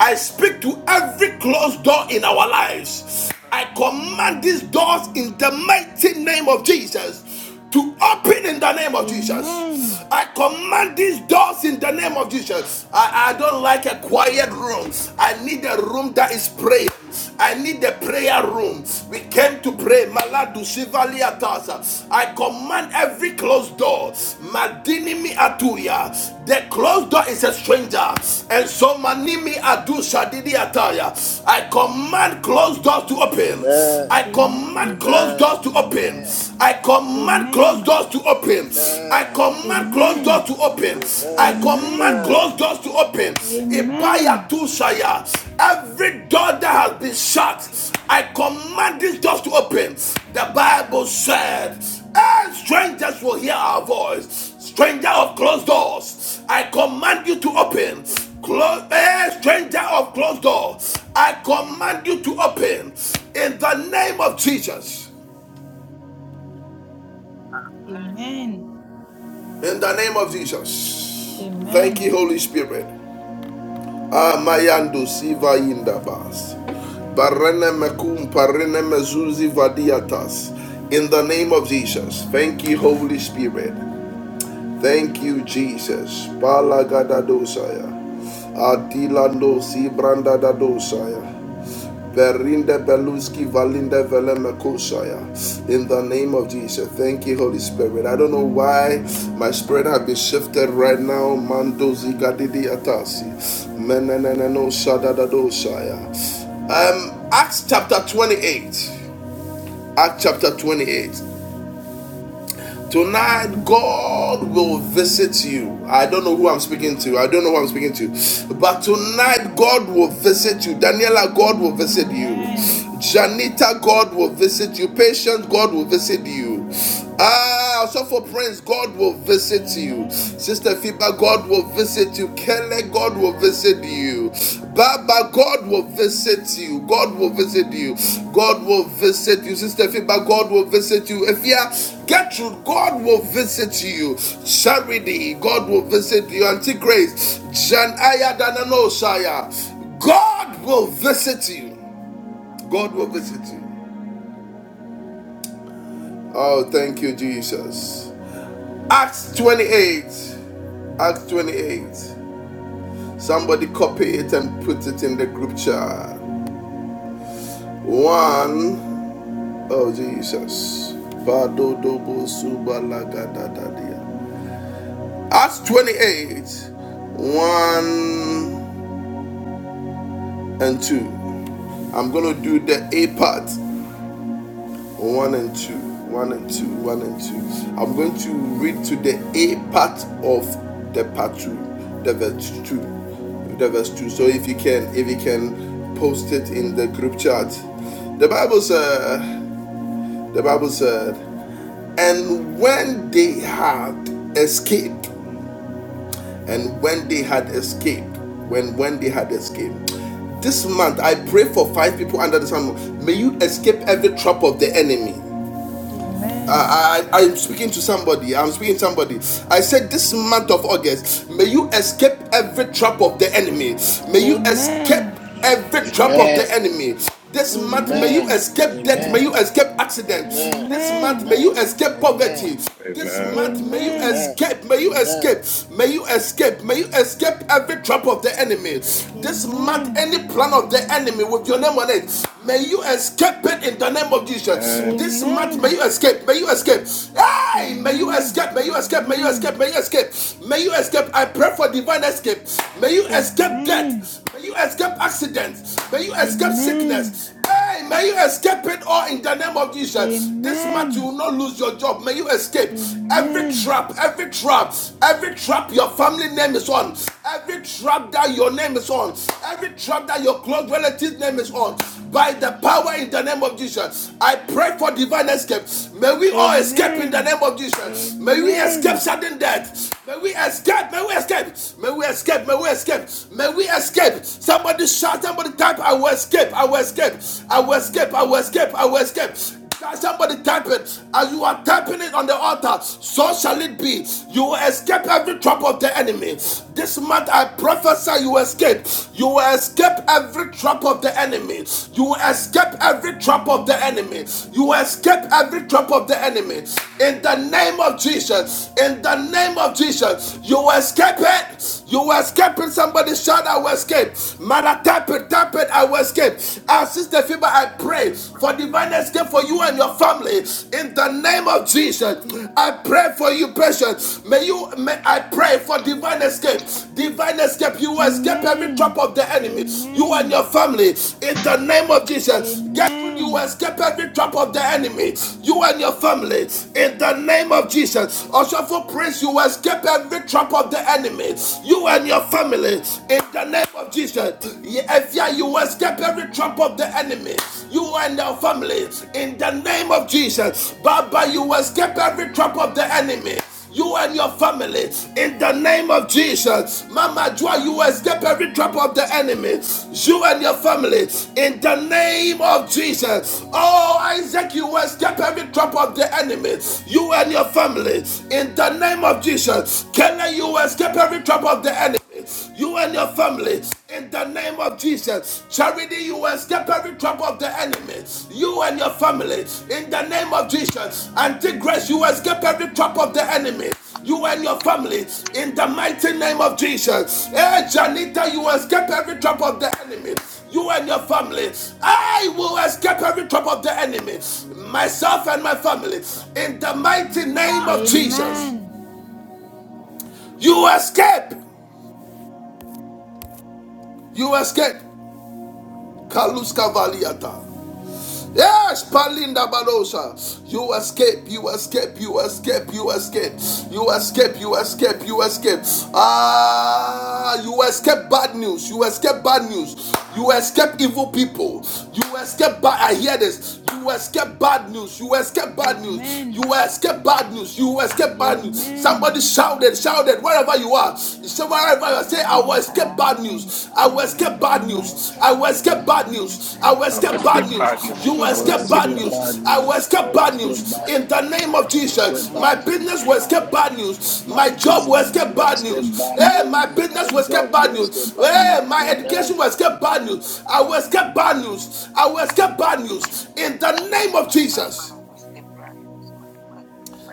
Speaker 1: I speak to every closed door in our lives. I command these doors in the mighty name of Jesus to open in the name of Jesus.
Speaker 3: Amen.
Speaker 1: I command these doors in the name of Jesus. I, I don't like a quiet room. I need a room that is praying. I need a prayer room. We came to pray. Maladu Shivali Atasa. I command every closed door. Madinimi Atuya. The closed door is a stranger. And so Manimi Adu Shadidi Ataya. I command closed doors to open.
Speaker 5: Amen.
Speaker 1: I
Speaker 5: Amen.
Speaker 1: command
Speaker 3: Amen.
Speaker 1: closed
Speaker 5: Amen.
Speaker 1: doors to open. I command closed
Speaker 3: Amen.
Speaker 1: doors to open.
Speaker 5: Amen.
Speaker 1: I command closed
Speaker 5: Amen.
Speaker 3: Amen.
Speaker 1: doors to
Speaker 5: Amen.
Speaker 1: open. I
Speaker 5: Amen.
Speaker 1: command
Speaker 3: Amen.
Speaker 1: closed doors to open. Ibaya Tushaya. Every door that has been shut, I command these doors to open. The Bible said, "Hey, strangers will hear our voice. Stranger of closed doors, I command you to open. Close, eh, stranger of closed doors, I command you to open. In the name of Jesus. In the name of Jesus.
Speaker 3: Amen. Amen. Amen.
Speaker 1: Thank you, Holy Spirit. Amayando siva indabas. Barene mekum parene mezuzi vadiatas. In the name of Jesus. Thank you, Holy Spirit. Thank you, Jesus. Balagadadosaya. Adilando sibrandadadosaya. Berinda Beluski Valinda Velema In the name of Jesus. Thank you, Holy Spirit. I don't know why my spirit has been shifted right now. Mando Zigadidi Atasi. Meneneneno Shadadadosaya. Um, Acts chapter 28. Acts chapter 28. Tonight, God will visit you. I don't know who I'm speaking to. I don't know who I'm speaking to. But tonight, God will visit you. Daniela, God will visit you.
Speaker 3: Amen.
Speaker 1: Janita, God will visit you. Patient, God will visit you. Ah, also for Prince, God will visit you.
Speaker 3: Amen.
Speaker 1: Sister Fiba, God will visit you. Kele, God will visit you. Baba, God will visit you. God will visit you. God will visit you. Sister Fiba, God will visit you. If you are Gertrude, God will visit you. Charity, God will visit you. Auntie Grace, Janaya Dananosaya, God will visit you. God will visit you. Oh, thank you, Jesus. Acts 28. Acts 28. Somebody copy it and put it in the group chat. One, oh Jesus. Badodobo Acts 28, 1 and 2. I'm going to do the A part. 1 and 2. 1 and 2. 1 and 2. I'm going to read to the A part of the part 2. The verse 2. The verse 2. So if you can, if you can post it in the group chat. The Bible said, the Bible said, And when they had escaped, and when they had escaped, when when they had escaped, this month I pray for five people under the sun. May you escape every trap of the enemy.
Speaker 3: Amen.
Speaker 1: I, I I'm speaking to somebody. I'm speaking to somebody. I said this month of August, may you escape every trap of the enemy. May you escape
Speaker 3: Amen.
Speaker 1: every trap of the
Speaker 5: Amen.
Speaker 1: enemy. This
Speaker 5: Amen.
Speaker 1: month, may you
Speaker 5: Amen. Amen.
Speaker 3: Amen.
Speaker 1: escape death. May you
Speaker 5: Amen.
Speaker 1: escape accident.
Speaker 5: Amen.
Speaker 1: This month, may
Speaker 3: Amen.
Speaker 1: you escape poverty. This
Speaker 6: Amen.
Speaker 1: month, may you
Speaker 3: Amen.
Speaker 5: Amen.
Speaker 1: escape, may you
Speaker 5: Amen.
Speaker 1: escape, may you escape, may you escape every trap of the enemy. This month,
Speaker 3: Amen.
Speaker 1: any plan of the enemy with your name on it, may you escape it in the name of Jesus.
Speaker 6: Amen.
Speaker 1: This month, may
Speaker 3: Amen.
Speaker 1: you escape, may you escape. Hey, may you
Speaker 3: Amen.
Speaker 1: escape, may you escape, may you
Speaker 3: Amen.
Speaker 1: escape, may you escape, may you escape. I pray for divine escape. May you escape
Speaker 3: Amen.
Speaker 1: death, may you escape accidents, may you escape
Speaker 3: Amen.
Speaker 1: sickness. Hey, Hey, may you escape it all in the name of Jesus. This month you
Speaker 3: Amen.
Speaker 1: will not lose your job. May you
Speaker 3: Amen. Amen.
Speaker 1: escape
Speaker 3: Amen.
Speaker 1: every trap, every trap, every trap your family name is on, every trap that your name is on, every trap that your close relative's name is on. By the power in the name of Jesus, I pray for divine escape. May we all escape in the
Speaker 3: Amen.
Speaker 1: name of Jesus. May we escape sudden death. May we escape. May we escape. May we escape. May we escape. May we escape. Somebody shout. Somebody type type, I will escape, I will escape, I will escape, I will escape, I will escape. Can Somebody type it as you are typing it on the altar. So shall it be. You will escape every trap of the enemy. This month I prophesy you will escape. You will escape every trap of the enemy. You will escape every trap of the enemy. You will escape every trap of the enemy. In the name of Jesus. In the name of Jesus. You will escape it. You will escape it. Somebody shout, I will escape escape. Mother, type it, type it, I will escape. Our sister Fiba, I pray for divine escape for you and your family in the name of Jesus. I pray for you, patient. May you, may I pray for divine escape. Divine escape, you will escape every trap of the enemy. You and your family in the name of Jesus. Get through, you will escape every trap of the enemy. You and your family in the name of Jesus. Also for praise, you will escape every trap of the enemy. You and your and your family in the name of Jesus. If you escape every trap of the enemy, you and your family in the name of Jesus. Baba, you escape every trap of the enemy you and your family in the name of Jesus. Mama Joa, you escape every trap of the enemy. You and your family in the name of Jesus. Oh, Isaac, you escape every trap of the enemy. You and your family in the name of Jesus. Kelly, you escape every trap of the enemy you and your family in the name of Jesus. Charity, you will escape every trap of the enemy. You and your family in the name of Jesus. Auntie Grace, you will escape every trap of the enemy. You and your family in the mighty name of Jesus. Hey, Janita, you will escape every trap of the enemy. You and your family, I will escape every trap of the enemy. Myself and my family in the mighty name of Jesus. You escape. You escape. Kaluska Valiata. Yes, Palinda Balosha. You escape, you escape, you escape, you escape, you escape, you escape, you escape. Ah, you escape bad news, you escape bad news, you escape evil people, you escape bad. I hear this. You escape bad news, you escape bad news,
Speaker 3: Amen.
Speaker 1: you escape bad news, you escape
Speaker 3: Amen. Amen. Amen.
Speaker 1: bad news.
Speaker 3: Amen.
Speaker 1: Somebody shouted, shouted, wherever you are. Somewhere
Speaker 3: Let's
Speaker 1: wherever you
Speaker 3: get
Speaker 1: say,
Speaker 3: bad
Speaker 1: I will
Speaker 3: news.
Speaker 1: escape bad
Speaker 3: Amen.
Speaker 1: news. I will
Speaker 3: Let's get
Speaker 1: escape
Speaker 3: bad
Speaker 1: bad
Speaker 3: news.
Speaker 1: news. I will
Speaker 3: Let's
Speaker 1: escape
Speaker 3: get bad
Speaker 1: bad
Speaker 3: news.
Speaker 1: news. I
Speaker 3: Let's
Speaker 1: will
Speaker 6: I will
Speaker 3: get
Speaker 1: escape
Speaker 3: bad
Speaker 6: escape
Speaker 1: bad
Speaker 3: news.
Speaker 6: bad
Speaker 1: news.
Speaker 6: news.
Speaker 1: You
Speaker 3: Let's
Speaker 1: will
Speaker 5: I
Speaker 3: get
Speaker 6: I
Speaker 5: well,
Speaker 6: will
Speaker 3: bad
Speaker 1: escape
Speaker 5: let's
Speaker 6: escape
Speaker 1: bad
Speaker 6: bad.
Speaker 5: get
Speaker 3: news.
Speaker 5: bad
Speaker 1: news. I will
Speaker 5: news.
Speaker 1: escape
Speaker 5: I
Speaker 1: bad
Speaker 5: let's get
Speaker 1: news.
Speaker 5: bad
Speaker 1: In the
Speaker 5: news.
Speaker 1: name of
Speaker 5: I well, let's get
Speaker 1: Jesus,
Speaker 5: bad
Speaker 1: my
Speaker 5: news.
Speaker 1: business will
Speaker 5: You know,
Speaker 1: escape
Speaker 5: about
Speaker 1: bad news.
Speaker 5: my
Speaker 1: My job will
Speaker 5: business,
Speaker 1: escape
Speaker 5: will
Speaker 1: bad
Speaker 5: escape
Speaker 1: news.
Speaker 5: bad
Speaker 1: Hey,
Speaker 5: news.
Speaker 1: my business
Speaker 5: My
Speaker 1: will
Speaker 5: job,
Speaker 1: escape
Speaker 5: will
Speaker 1: bad
Speaker 5: escape
Speaker 1: news.
Speaker 5: bad
Speaker 1: Hey,
Speaker 5: news.
Speaker 1: my
Speaker 5: Amen.
Speaker 1: education will escape bad news. I will escape bad news. I will escape bad news. In the name of Jesus.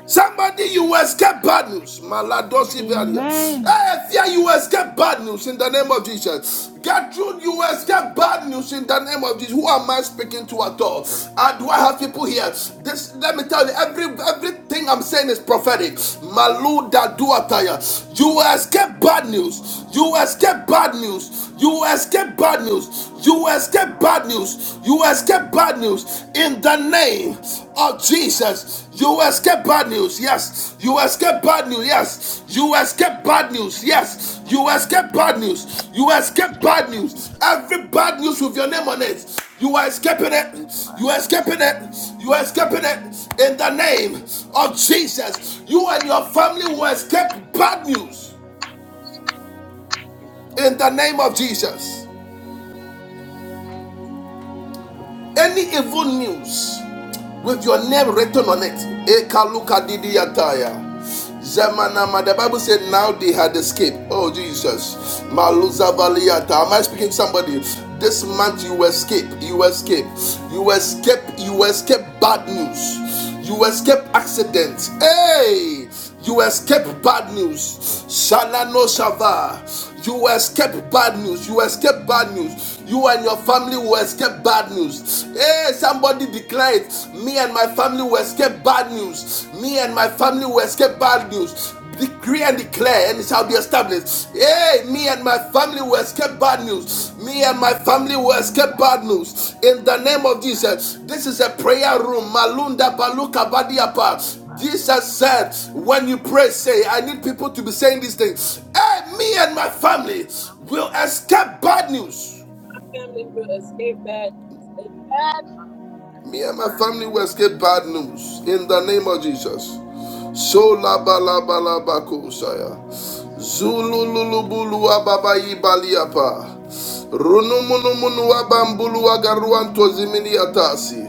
Speaker 1: Somebody, you escape bad news. Maladosi Varia.
Speaker 3: Amen.
Speaker 1: Hey, fear, you escape bad news in the name of Jesus. Gertrude, you escape bad news in the name of Jesus. Who am I speaking to at all? Uh, do I have people here? This, let me tell you, every everything I'm saying is prophetic. Maluda duataya. You escape bad news. You escape bad news. You escape bad news. You escape bad news. You escape bad news in the name of Jesus. You escape bad news, yes. You escape bad news, yes. You escape bad news, yes. You escape bad news. You escape bad news. Every bad news with your name on it. You are escaping it. You are escaping it. You are escaping it. In the name of Jesus, you and your family will escape bad news. In the name of Jesus. Any evil news. with your name written on it. Ekaluka didiyataya. Zemanama. The Bible said now they had escaped. Oh Jesus. Maluza Am I speaking to somebody? This month you escape. You escape. You escape. You escape bad news. You escape accidents. Hey! You escape bad news. Shalano Shava. You escape bad news. You escape bad news. You and your family will escape bad news. Hey, somebody declared, me and my family will escape bad news. Me and my family will escape bad news. Decree and declare, and it shall be established. Hey, me and my family will escape bad news. Me and my family will escape bad news. In the name of Jesus, this is a prayer room. Malunda Baluka Badiapa. Jesus said, when you pray, say, I need people to be saying these things. Hey, me and my family will escape bad news.
Speaker 7: family will escape bad news. Amen.
Speaker 1: Me and my family will escape bad news in the name of Jesus. So la ba la ba la ba ko saya. Zulu lulu bulu bu lu apa Runu munu munu mu nu wa ba mbu si.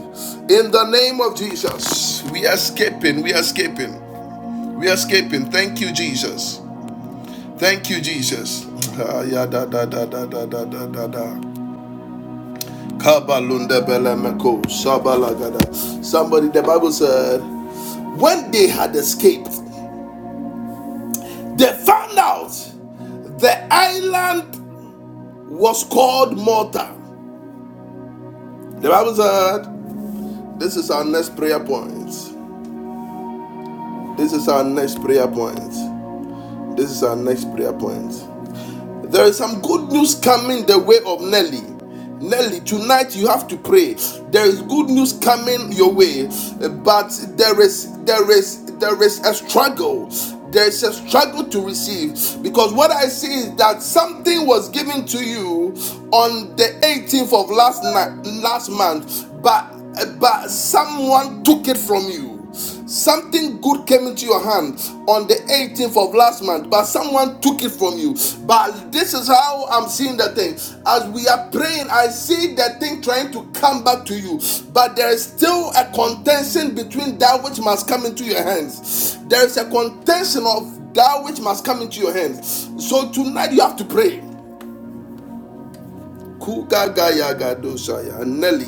Speaker 1: In the name of Jesus, we are escaping, we are escaping, we are escaping. Thank you, Jesus. Thank you, Jesus. Ah, Somebody, the Bible said, when they had escaped, they found out the island was called Malta. The Bible said, this is our next prayer point. This is our next prayer point. This is our next prayer point. There is some good news coming the way of Nelly. Nelly, tonight you have to pray. There is good news coming your way, but there is there is there is a struggle. There is a struggle to receive because what I see is that something was given to you on the 18th of last night, last month, but but someone took it from you. Something good came into your hand on the 18th of last month, but someone took it from you. But this is how I'm seeing the thing. As we are praying, I see the thing trying to come back to you, but there is still a contention between that which must come into your hands. There is a contention of that which must come into your hands. So tonight you have to pray. Kugagaya gadosaya, Nelly,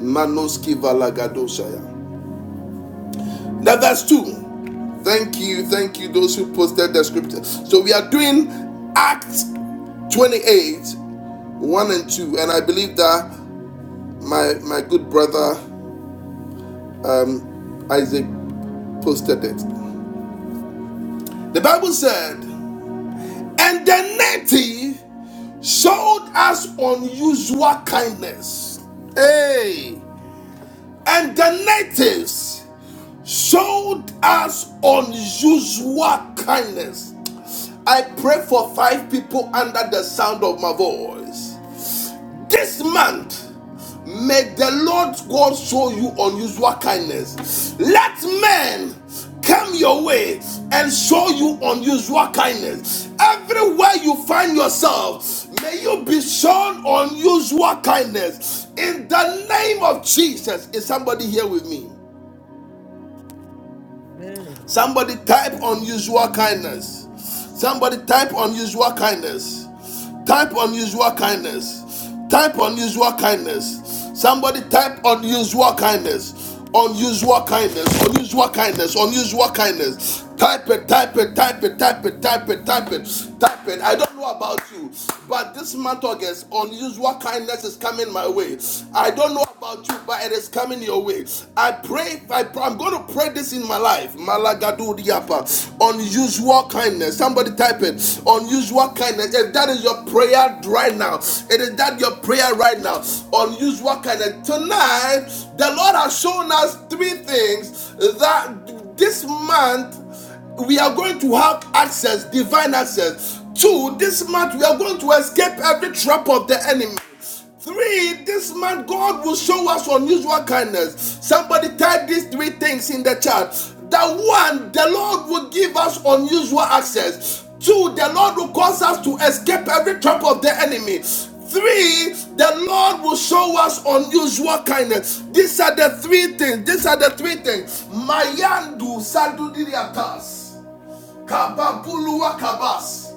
Speaker 1: Manoski valagadosaya. Now, verse 2. Thank you, thank you, those who posted the scripture. So, we are doing Acts 28 1 and 2. And I believe that my, my good brother um, Isaac posted it. The Bible said, And the native showed us unusual kindness. Hey! And the natives showed us unusual kindness. I pray for five people under the sound of my voice. This month, may the Lord God show you unusual kindness. Let men come your way and show you unusual kindness. Everywhere you find yourself, may you be shown unusual kindness. In the name of Jesus, is somebody here with me? Somebody type unusual kindness. Somebody type unusual kindness. Type unusual kindness. Type unusual kindness. Somebody type unusual kindness. Unusual kindness. Unusual kindness. Unusual kindness. Type it, type it, type it, type it, type it, type it, type it. I don't know about you, but this month August, unusual kindness is coming my way. I don't know about you, but it is coming your way. I pray, I pray I'm going to pray this in my life. Malagadu diapa. Unusual kindness. Somebody type it. Unusual kindness. If that is your prayer right now, it is that your prayer right now. Unusual kindness. Tonight, the Lord has shown us three things that this month we are going to have access, divine access. Two, this month we are going to escape every trap of the enemy. Three, this month God will show us unusual kindness. Somebody type these three things in the chat. That one, the Lord will give us unusual access. Two, the Lord will cause us to escape every trap of the enemy. Three, the Lord will show us unusual kindness. These are the three things. These are the three things. Mayandu sadudiriatas. Kababuluwa kabas.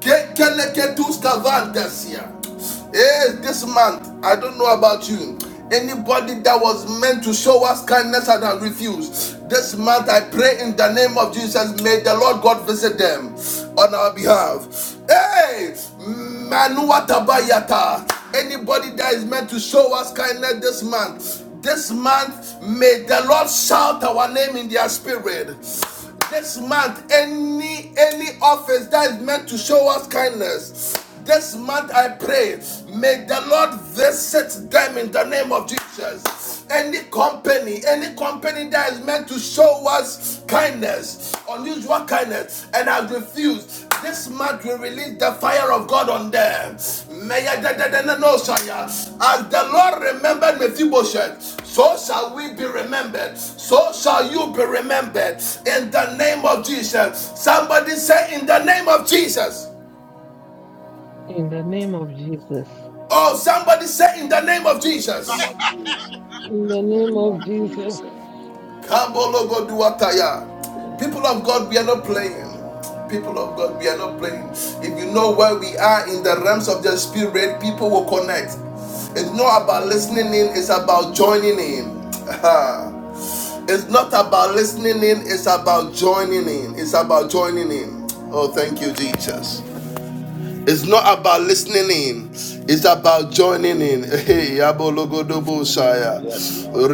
Speaker 1: Kekeleketus kavantasia. Hey, this month, I don't know about you. Anybody that was meant to show us kindness and has refused, this month I pray in the name of Jesus, may the Lord God visit them on our behalf. Hey, Manua Tabayata, anybody that is meant to show us kindness this month, this month, may the Lord shout our name in their spirit. This month, any any office that is meant to show us kindness, this month I pray, may the Lord visit them in the name of Jesus. Any company, any company that is meant to show us kindness, unusual kindness, and has refused, this month we release the fire of God on them. May I- no, As the Lord remembered Mephibosheth, so shall we be remembered. So shall you be remembered. In the name of Jesus. Somebody say, In the name of Jesus. Oh, somebody say, In the name of
Speaker 5: In the
Speaker 1: Jesus.
Speaker 5: name of Jesus. In the name of Jesus.
Speaker 1: Kambologoduataya. People of God, we are not playing. People of God, we are not playing. If you know where we are in the realms of the spirit, people will connect. It's not about listening in, it's about joining in. [LAUGHS] it's not about listening in, it's about joining in. It's about joining in. Oh, thank you, Jesus. It's not about listening in, it's about joining in. Hey,
Speaker 5: Yes, Lord.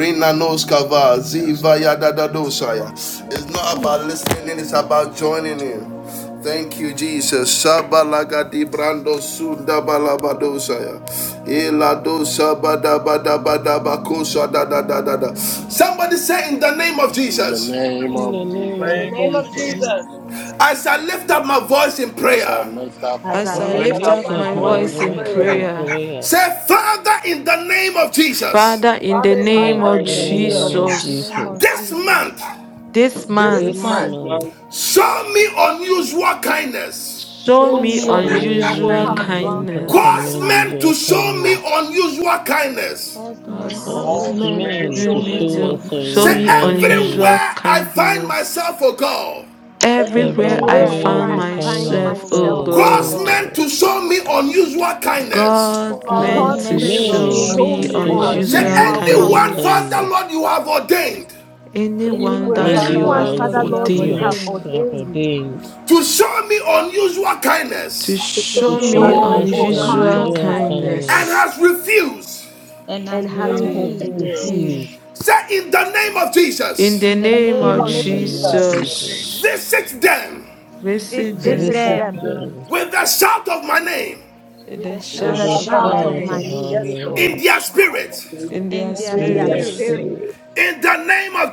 Speaker 5: Yes, Lord. Yes, Lord. Yes,
Speaker 1: It's not
Speaker 5: Lord.
Speaker 1: about listening
Speaker 5: Yes,
Speaker 1: in, it's
Speaker 5: Lord.
Speaker 1: about
Speaker 5: Yes,
Speaker 1: joining
Speaker 5: Lord.
Speaker 1: in. Thank you, Jesus. Shabalagadi brando sunda balabadosaya. Elado shabadabadabadabakosha da da da da da. Somebody say in the name of
Speaker 5: In the
Speaker 1: Jesus,
Speaker 5: name of Jesus.
Speaker 7: In
Speaker 8: name
Speaker 7: the
Speaker 8: of
Speaker 7: name of Jesus,
Speaker 9: Jesus,
Speaker 1: as I lift up my voice in
Speaker 5: As I
Speaker 1: prayer,
Speaker 5: lift up my
Speaker 9: as
Speaker 8: Jesus.
Speaker 9: I
Speaker 10: As
Speaker 8: I
Speaker 10: I
Speaker 5: voice
Speaker 7: as
Speaker 9: lift
Speaker 7: I
Speaker 8: lift
Speaker 10: lift
Speaker 9: up
Speaker 8: up
Speaker 7: lift
Speaker 10: up
Speaker 7: up
Speaker 9: my
Speaker 8: my
Speaker 7: my
Speaker 10: my
Speaker 5: again,
Speaker 8: voice
Speaker 9: voice
Speaker 7: voice
Speaker 10: voice
Speaker 7: in
Speaker 8: in
Speaker 10: in
Speaker 9: in
Speaker 8: prayer.
Speaker 7: prayer,
Speaker 9: prayer,
Speaker 10: prayer,
Speaker 1: say, Father, in the name of Jesus.
Speaker 10: Father, in
Speaker 5: Father,
Speaker 10: the
Speaker 7: Father, in the
Speaker 10: name
Speaker 7: name
Speaker 9: Father,
Speaker 8: Father,
Speaker 7: of
Speaker 10: of
Speaker 8: in
Speaker 9: in
Speaker 8: the
Speaker 9: the
Speaker 5: in the
Speaker 8: name of
Speaker 9: name
Speaker 5: name
Speaker 9: of
Speaker 7: Jesus,
Speaker 8: Jesus.
Speaker 5: of
Speaker 3: In the
Speaker 10: Jesus,
Speaker 5: Jesus.
Speaker 3: Name of
Speaker 9: Jesus,
Speaker 1: This
Speaker 3: Jesus.
Speaker 1: month,
Speaker 10: this
Speaker 5: Yes,
Speaker 9: this
Speaker 5: Lord.
Speaker 7: this
Speaker 3: This
Speaker 10: month,
Speaker 7: month,
Speaker 9: month,
Speaker 8: This
Speaker 3: month,
Speaker 8: man
Speaker 1: show me unusual kindness.
Speaker 10: show
Speaker 5: Show
Speaker 3: show
Speaker 5: me
Speaker 10: me
Speaker 3: me
Speaker 5: all
Speaker 8: show
Speaker 5: the
Speaker 9: show
Speaker 5: joys
Speaker 8: me
Speaker 3: unusual
Speaker 9: me
Speaker 7: will
Speaker 10: unusual
Speaker 7: kind,
Speaker 3: kindness.
Speaker 8: unusual
Speaker 9: unusual
Speaker 5: I
Speaker 8: kindness.
Speaker 1: Cause
Speaker 9: kindness.
Speaker 10: kindness.
Speaker 1: men to show me unusual kindness.
Speaker 3: Cause
Speaker 5: know.
Speaker 10: God,
Speaker 5: Yes,
Speaker 3: men to
Speaker 9: Cause
Speaker 10: send
Speaker 5: Lord.
Speaker 3: show
Speaker 5: Show
Speaker 8: Cause
Speaker 5: me
Speaker 3: me
Speaker 9: men to
Speaker 8: men to
Speaker 9: show
Speaker 3: unusual
Speaker 5: all the joys
Speaker 10: me
Speaker 9: me
Speaker 8: show me
Speaker 10: to
Speaker 3: kindness.
Speaker 10: show
Speaker 8: unusual
Speaker 9: unusual
Speaker 5: I
Speaker 1: Say,
Speaker 10: me
Speaker 5: know.
Speaker 8: kindness.
Speaker 9: kindness.
Speaker 10: unusual
Speaker 1: everywhere I find
Speaker 10: kindness.
Speaker 1: myself, oh God,
Speaker 7: everywhere
Speaker 5: Everywhere I
Speaker 10: Everywhere
Speaker 7: I
Speaker 10: I
Speaker 3: Everywhere I
Speaker 7: find
Speaker 9: Everywhere
Speaker 10: found
Speaker 9: I
Speaker 3: find
Speaker 7: myself,
Speaker 5: find
Speaker 7: oh
Speaker 9: find
Speaker 3: myself,
Speaker 10: myself,
Speaker 7: God,
Speaker 3: oh
Speaker 5: myself, oh
Speaker 10: oh
Speaker 9: myself,
Speaker 3: God.
Speaker 5: God.
Speaker 9: oh
Speaker 1: cause
Speaker 10: God,
Speaker 9: God,
Speaker 1: men to show me unusual kindness.
Speaker 10: God
Speaker 5: Cause
Speaker 7: cause
Speaker 5: me
Speaker 3: Cause
Speaker 10: meant
Speaker 9: cause
Speaker 8: Cause
Speaker 7: me
Speaker 10: to
Speaker 3: men
Speaker 7: to
Speaker 5: to
Speaker 8: men
Speaker 9: men
Speaker 3: to
Speaker 8: to
Speaker 7: show
Speaker 5: show
Speaker 9: to
Speaker 5: me
Speaker 7: me
Speaker 5: all
Speaker 10: show
Speaker 8: show
Speaker 3: show
Speaker 5: the
Speaker 8: me
Speaker 3: me
Speaker 9: show
Speaker 10: me
Speaker 9: me
Speaker 7: unusual
Speaker 5: joys I
Speaker 8: unusual
Speaker 3: unusual
Speaker 1: Say,
Speaker 5: know.
Speaker 7: kindness.
Speaker 10: unusual
Speaker 8: kindness.
Speaker 9: unusual
Speaker 3: kindness.
Speaker 1: anyone,
Speaker 9: kindness.
Speaker 1: Father,
Speaker 10: kindness.
Speaker 1: Lord, you have ordained
Speaker 10: Anyone
Speaker 5: Everywhere
Speaker 7: Anywhere,
Speaker 8: Father,
Speaker 5: I
Speaker 3: Anyone,
Speaker 7: Father,
Speaker 10: that you
Speaker 8: anyone
Speaker 9: Anyone,
Speaker 3: Father
Speaker 8: in
Speaker 5: find
Speaker 10: have
Speaker 7: you
Speaker 8: my
Speaker 7: have
Speaker 3: Lord,
Speaker 9: Father
Speaker 5: myself,
Speaker 3: you
Speaker 5: oh
Speaker 3: have
Speaker 9: Lord, you
Speaker 7: ordained,
Speaker 9: have
Speaker 5: God.
Speaker 8: family
Speaker 10: ordained.
Speaker 3: ordained
Speaker 9: ordained
Speaker 1: to show me unusual
Speaker 10: to
Speaker 1: kindness
Speaker 7: to
Speaker 3: to
Speaker 7: show
Speaker 8: to
Speaker 9: to
Speaker 10: show
Speaker 7: me
Speaker 5: Show me
Speaker 3: show
Speaker 5: all
Speaker 10: me
Speaker 9: show
Speaker 3: me
Speaker 9: me
Speaker 8: show
Speaker 5: the
Speaker 8: me
Speaker 7: unusual
Speaker 3: unusual
Speaker 5: joys
Speaker 10: unusual
Speaker 9: unusual
Speaker 7: kindness.
Speaker 3: kindness.
Speaker 5: I
Speaker 8: unusual
Speaker 5: know.
Speaker 9: kindness
Speaker 1: and
Speaker 8: kindness.
Speaker 1: has
Speaker 10: kindness.
Speaker 1: refused.
Speaker 5: And
Speaker 3: and
Speaker 5: let
Speaker 9: and
Speaker 3: has
Speaker 5: me
Speaker 8: And I
Speaker 9: has
Speaker 7: Magic
Speaker 5: feel.
Speaker 10: Hey,
Speaker 7: to
Speaker 3: refused,
Speaker 9: received
Speaker 7: do.
Speaker 10: hey.
Speaker 8: refuse
Speaker 1: Say, in the name of
Speaker 10: In
Speaker 1: Jesus,
Speaker 10: the
Speaker 3: in
Speaker 5: In
Speaker 7: In
Speaker 3: the
Speaker 7: the
Speaker 5: the
Speaker 10: name
Speaker 8: in
Speaker 7: name
Speaker 9: in
Speaker 3: name
Speaker 10: of
Speaker 9: the
Speaker 7: of
Speaker 3: of
Speaker 5: name
Speaker 8: the
Speaker 5: of
Speaker 9: name
Speaker 8: name
Speaker 9: of
Speaker 8: of
Speaker 7: Jesus,
Speaker 8: the
Speaker 3: Jesus,
Speaker 9: Jesus.
Speaker 8: Lord Jesus.
Speaker 10: Jesus,
Speaker 1: visit them
Speaker 10: visit
Speaker 5: Jesus. Listen
Speaker 3: visit
Speaker 9: Visit
Speaker 7: visit
Speaker 5: back.
Speaker 10: them
Speaker 8: Visit
Speaker 7: them.
Speaker 3: them
Speaker 9: them
Speaker 8: them
Speaker 1: with the shout of my name
Speaker 10: in
Speaker 3: with
Speaker 10: the
Speaker 3: a
Speaker 8: with a
Speaker 9: with
Speaker 3: shout
Speaker 9: a
Speaker 10: shout
Speaker 3: of
Speaker 5: Listen
Speaker 7: Talk
Speaker 10: of
Speaker 5: back.
Speaker 3: my
Speaker 7: of
Speaker 9: shout
Speaker 10: my
Speaker 7: my
Speaker 8: shout,
Speaker 9: of
Speaker 3: name
Speaker 9: my
Speaker 7: name.
Speaker 10: name,
Speaker 9: name
Speaker 7: Yes, Lord.
Speaker 1: in
Speaker 8: a
Speaker 1: their
Speaker 8: shout of
Speaker 1: spirit
Speaker 8: the room.
Speaker 10: in their
Speaker 3: in
Speaker 7: In
Speaker 3: their
Speaker 9: in
Speaker 7: their
Speaker 8: And we
Speaker 9: their
Speaker 8: are
Speaker 3: spirit,
Speaker 7: spirit.
Speaker 10: spirits,
Speaker 9: spirit
Speaker 8: spirit
Speaker 1: In the name of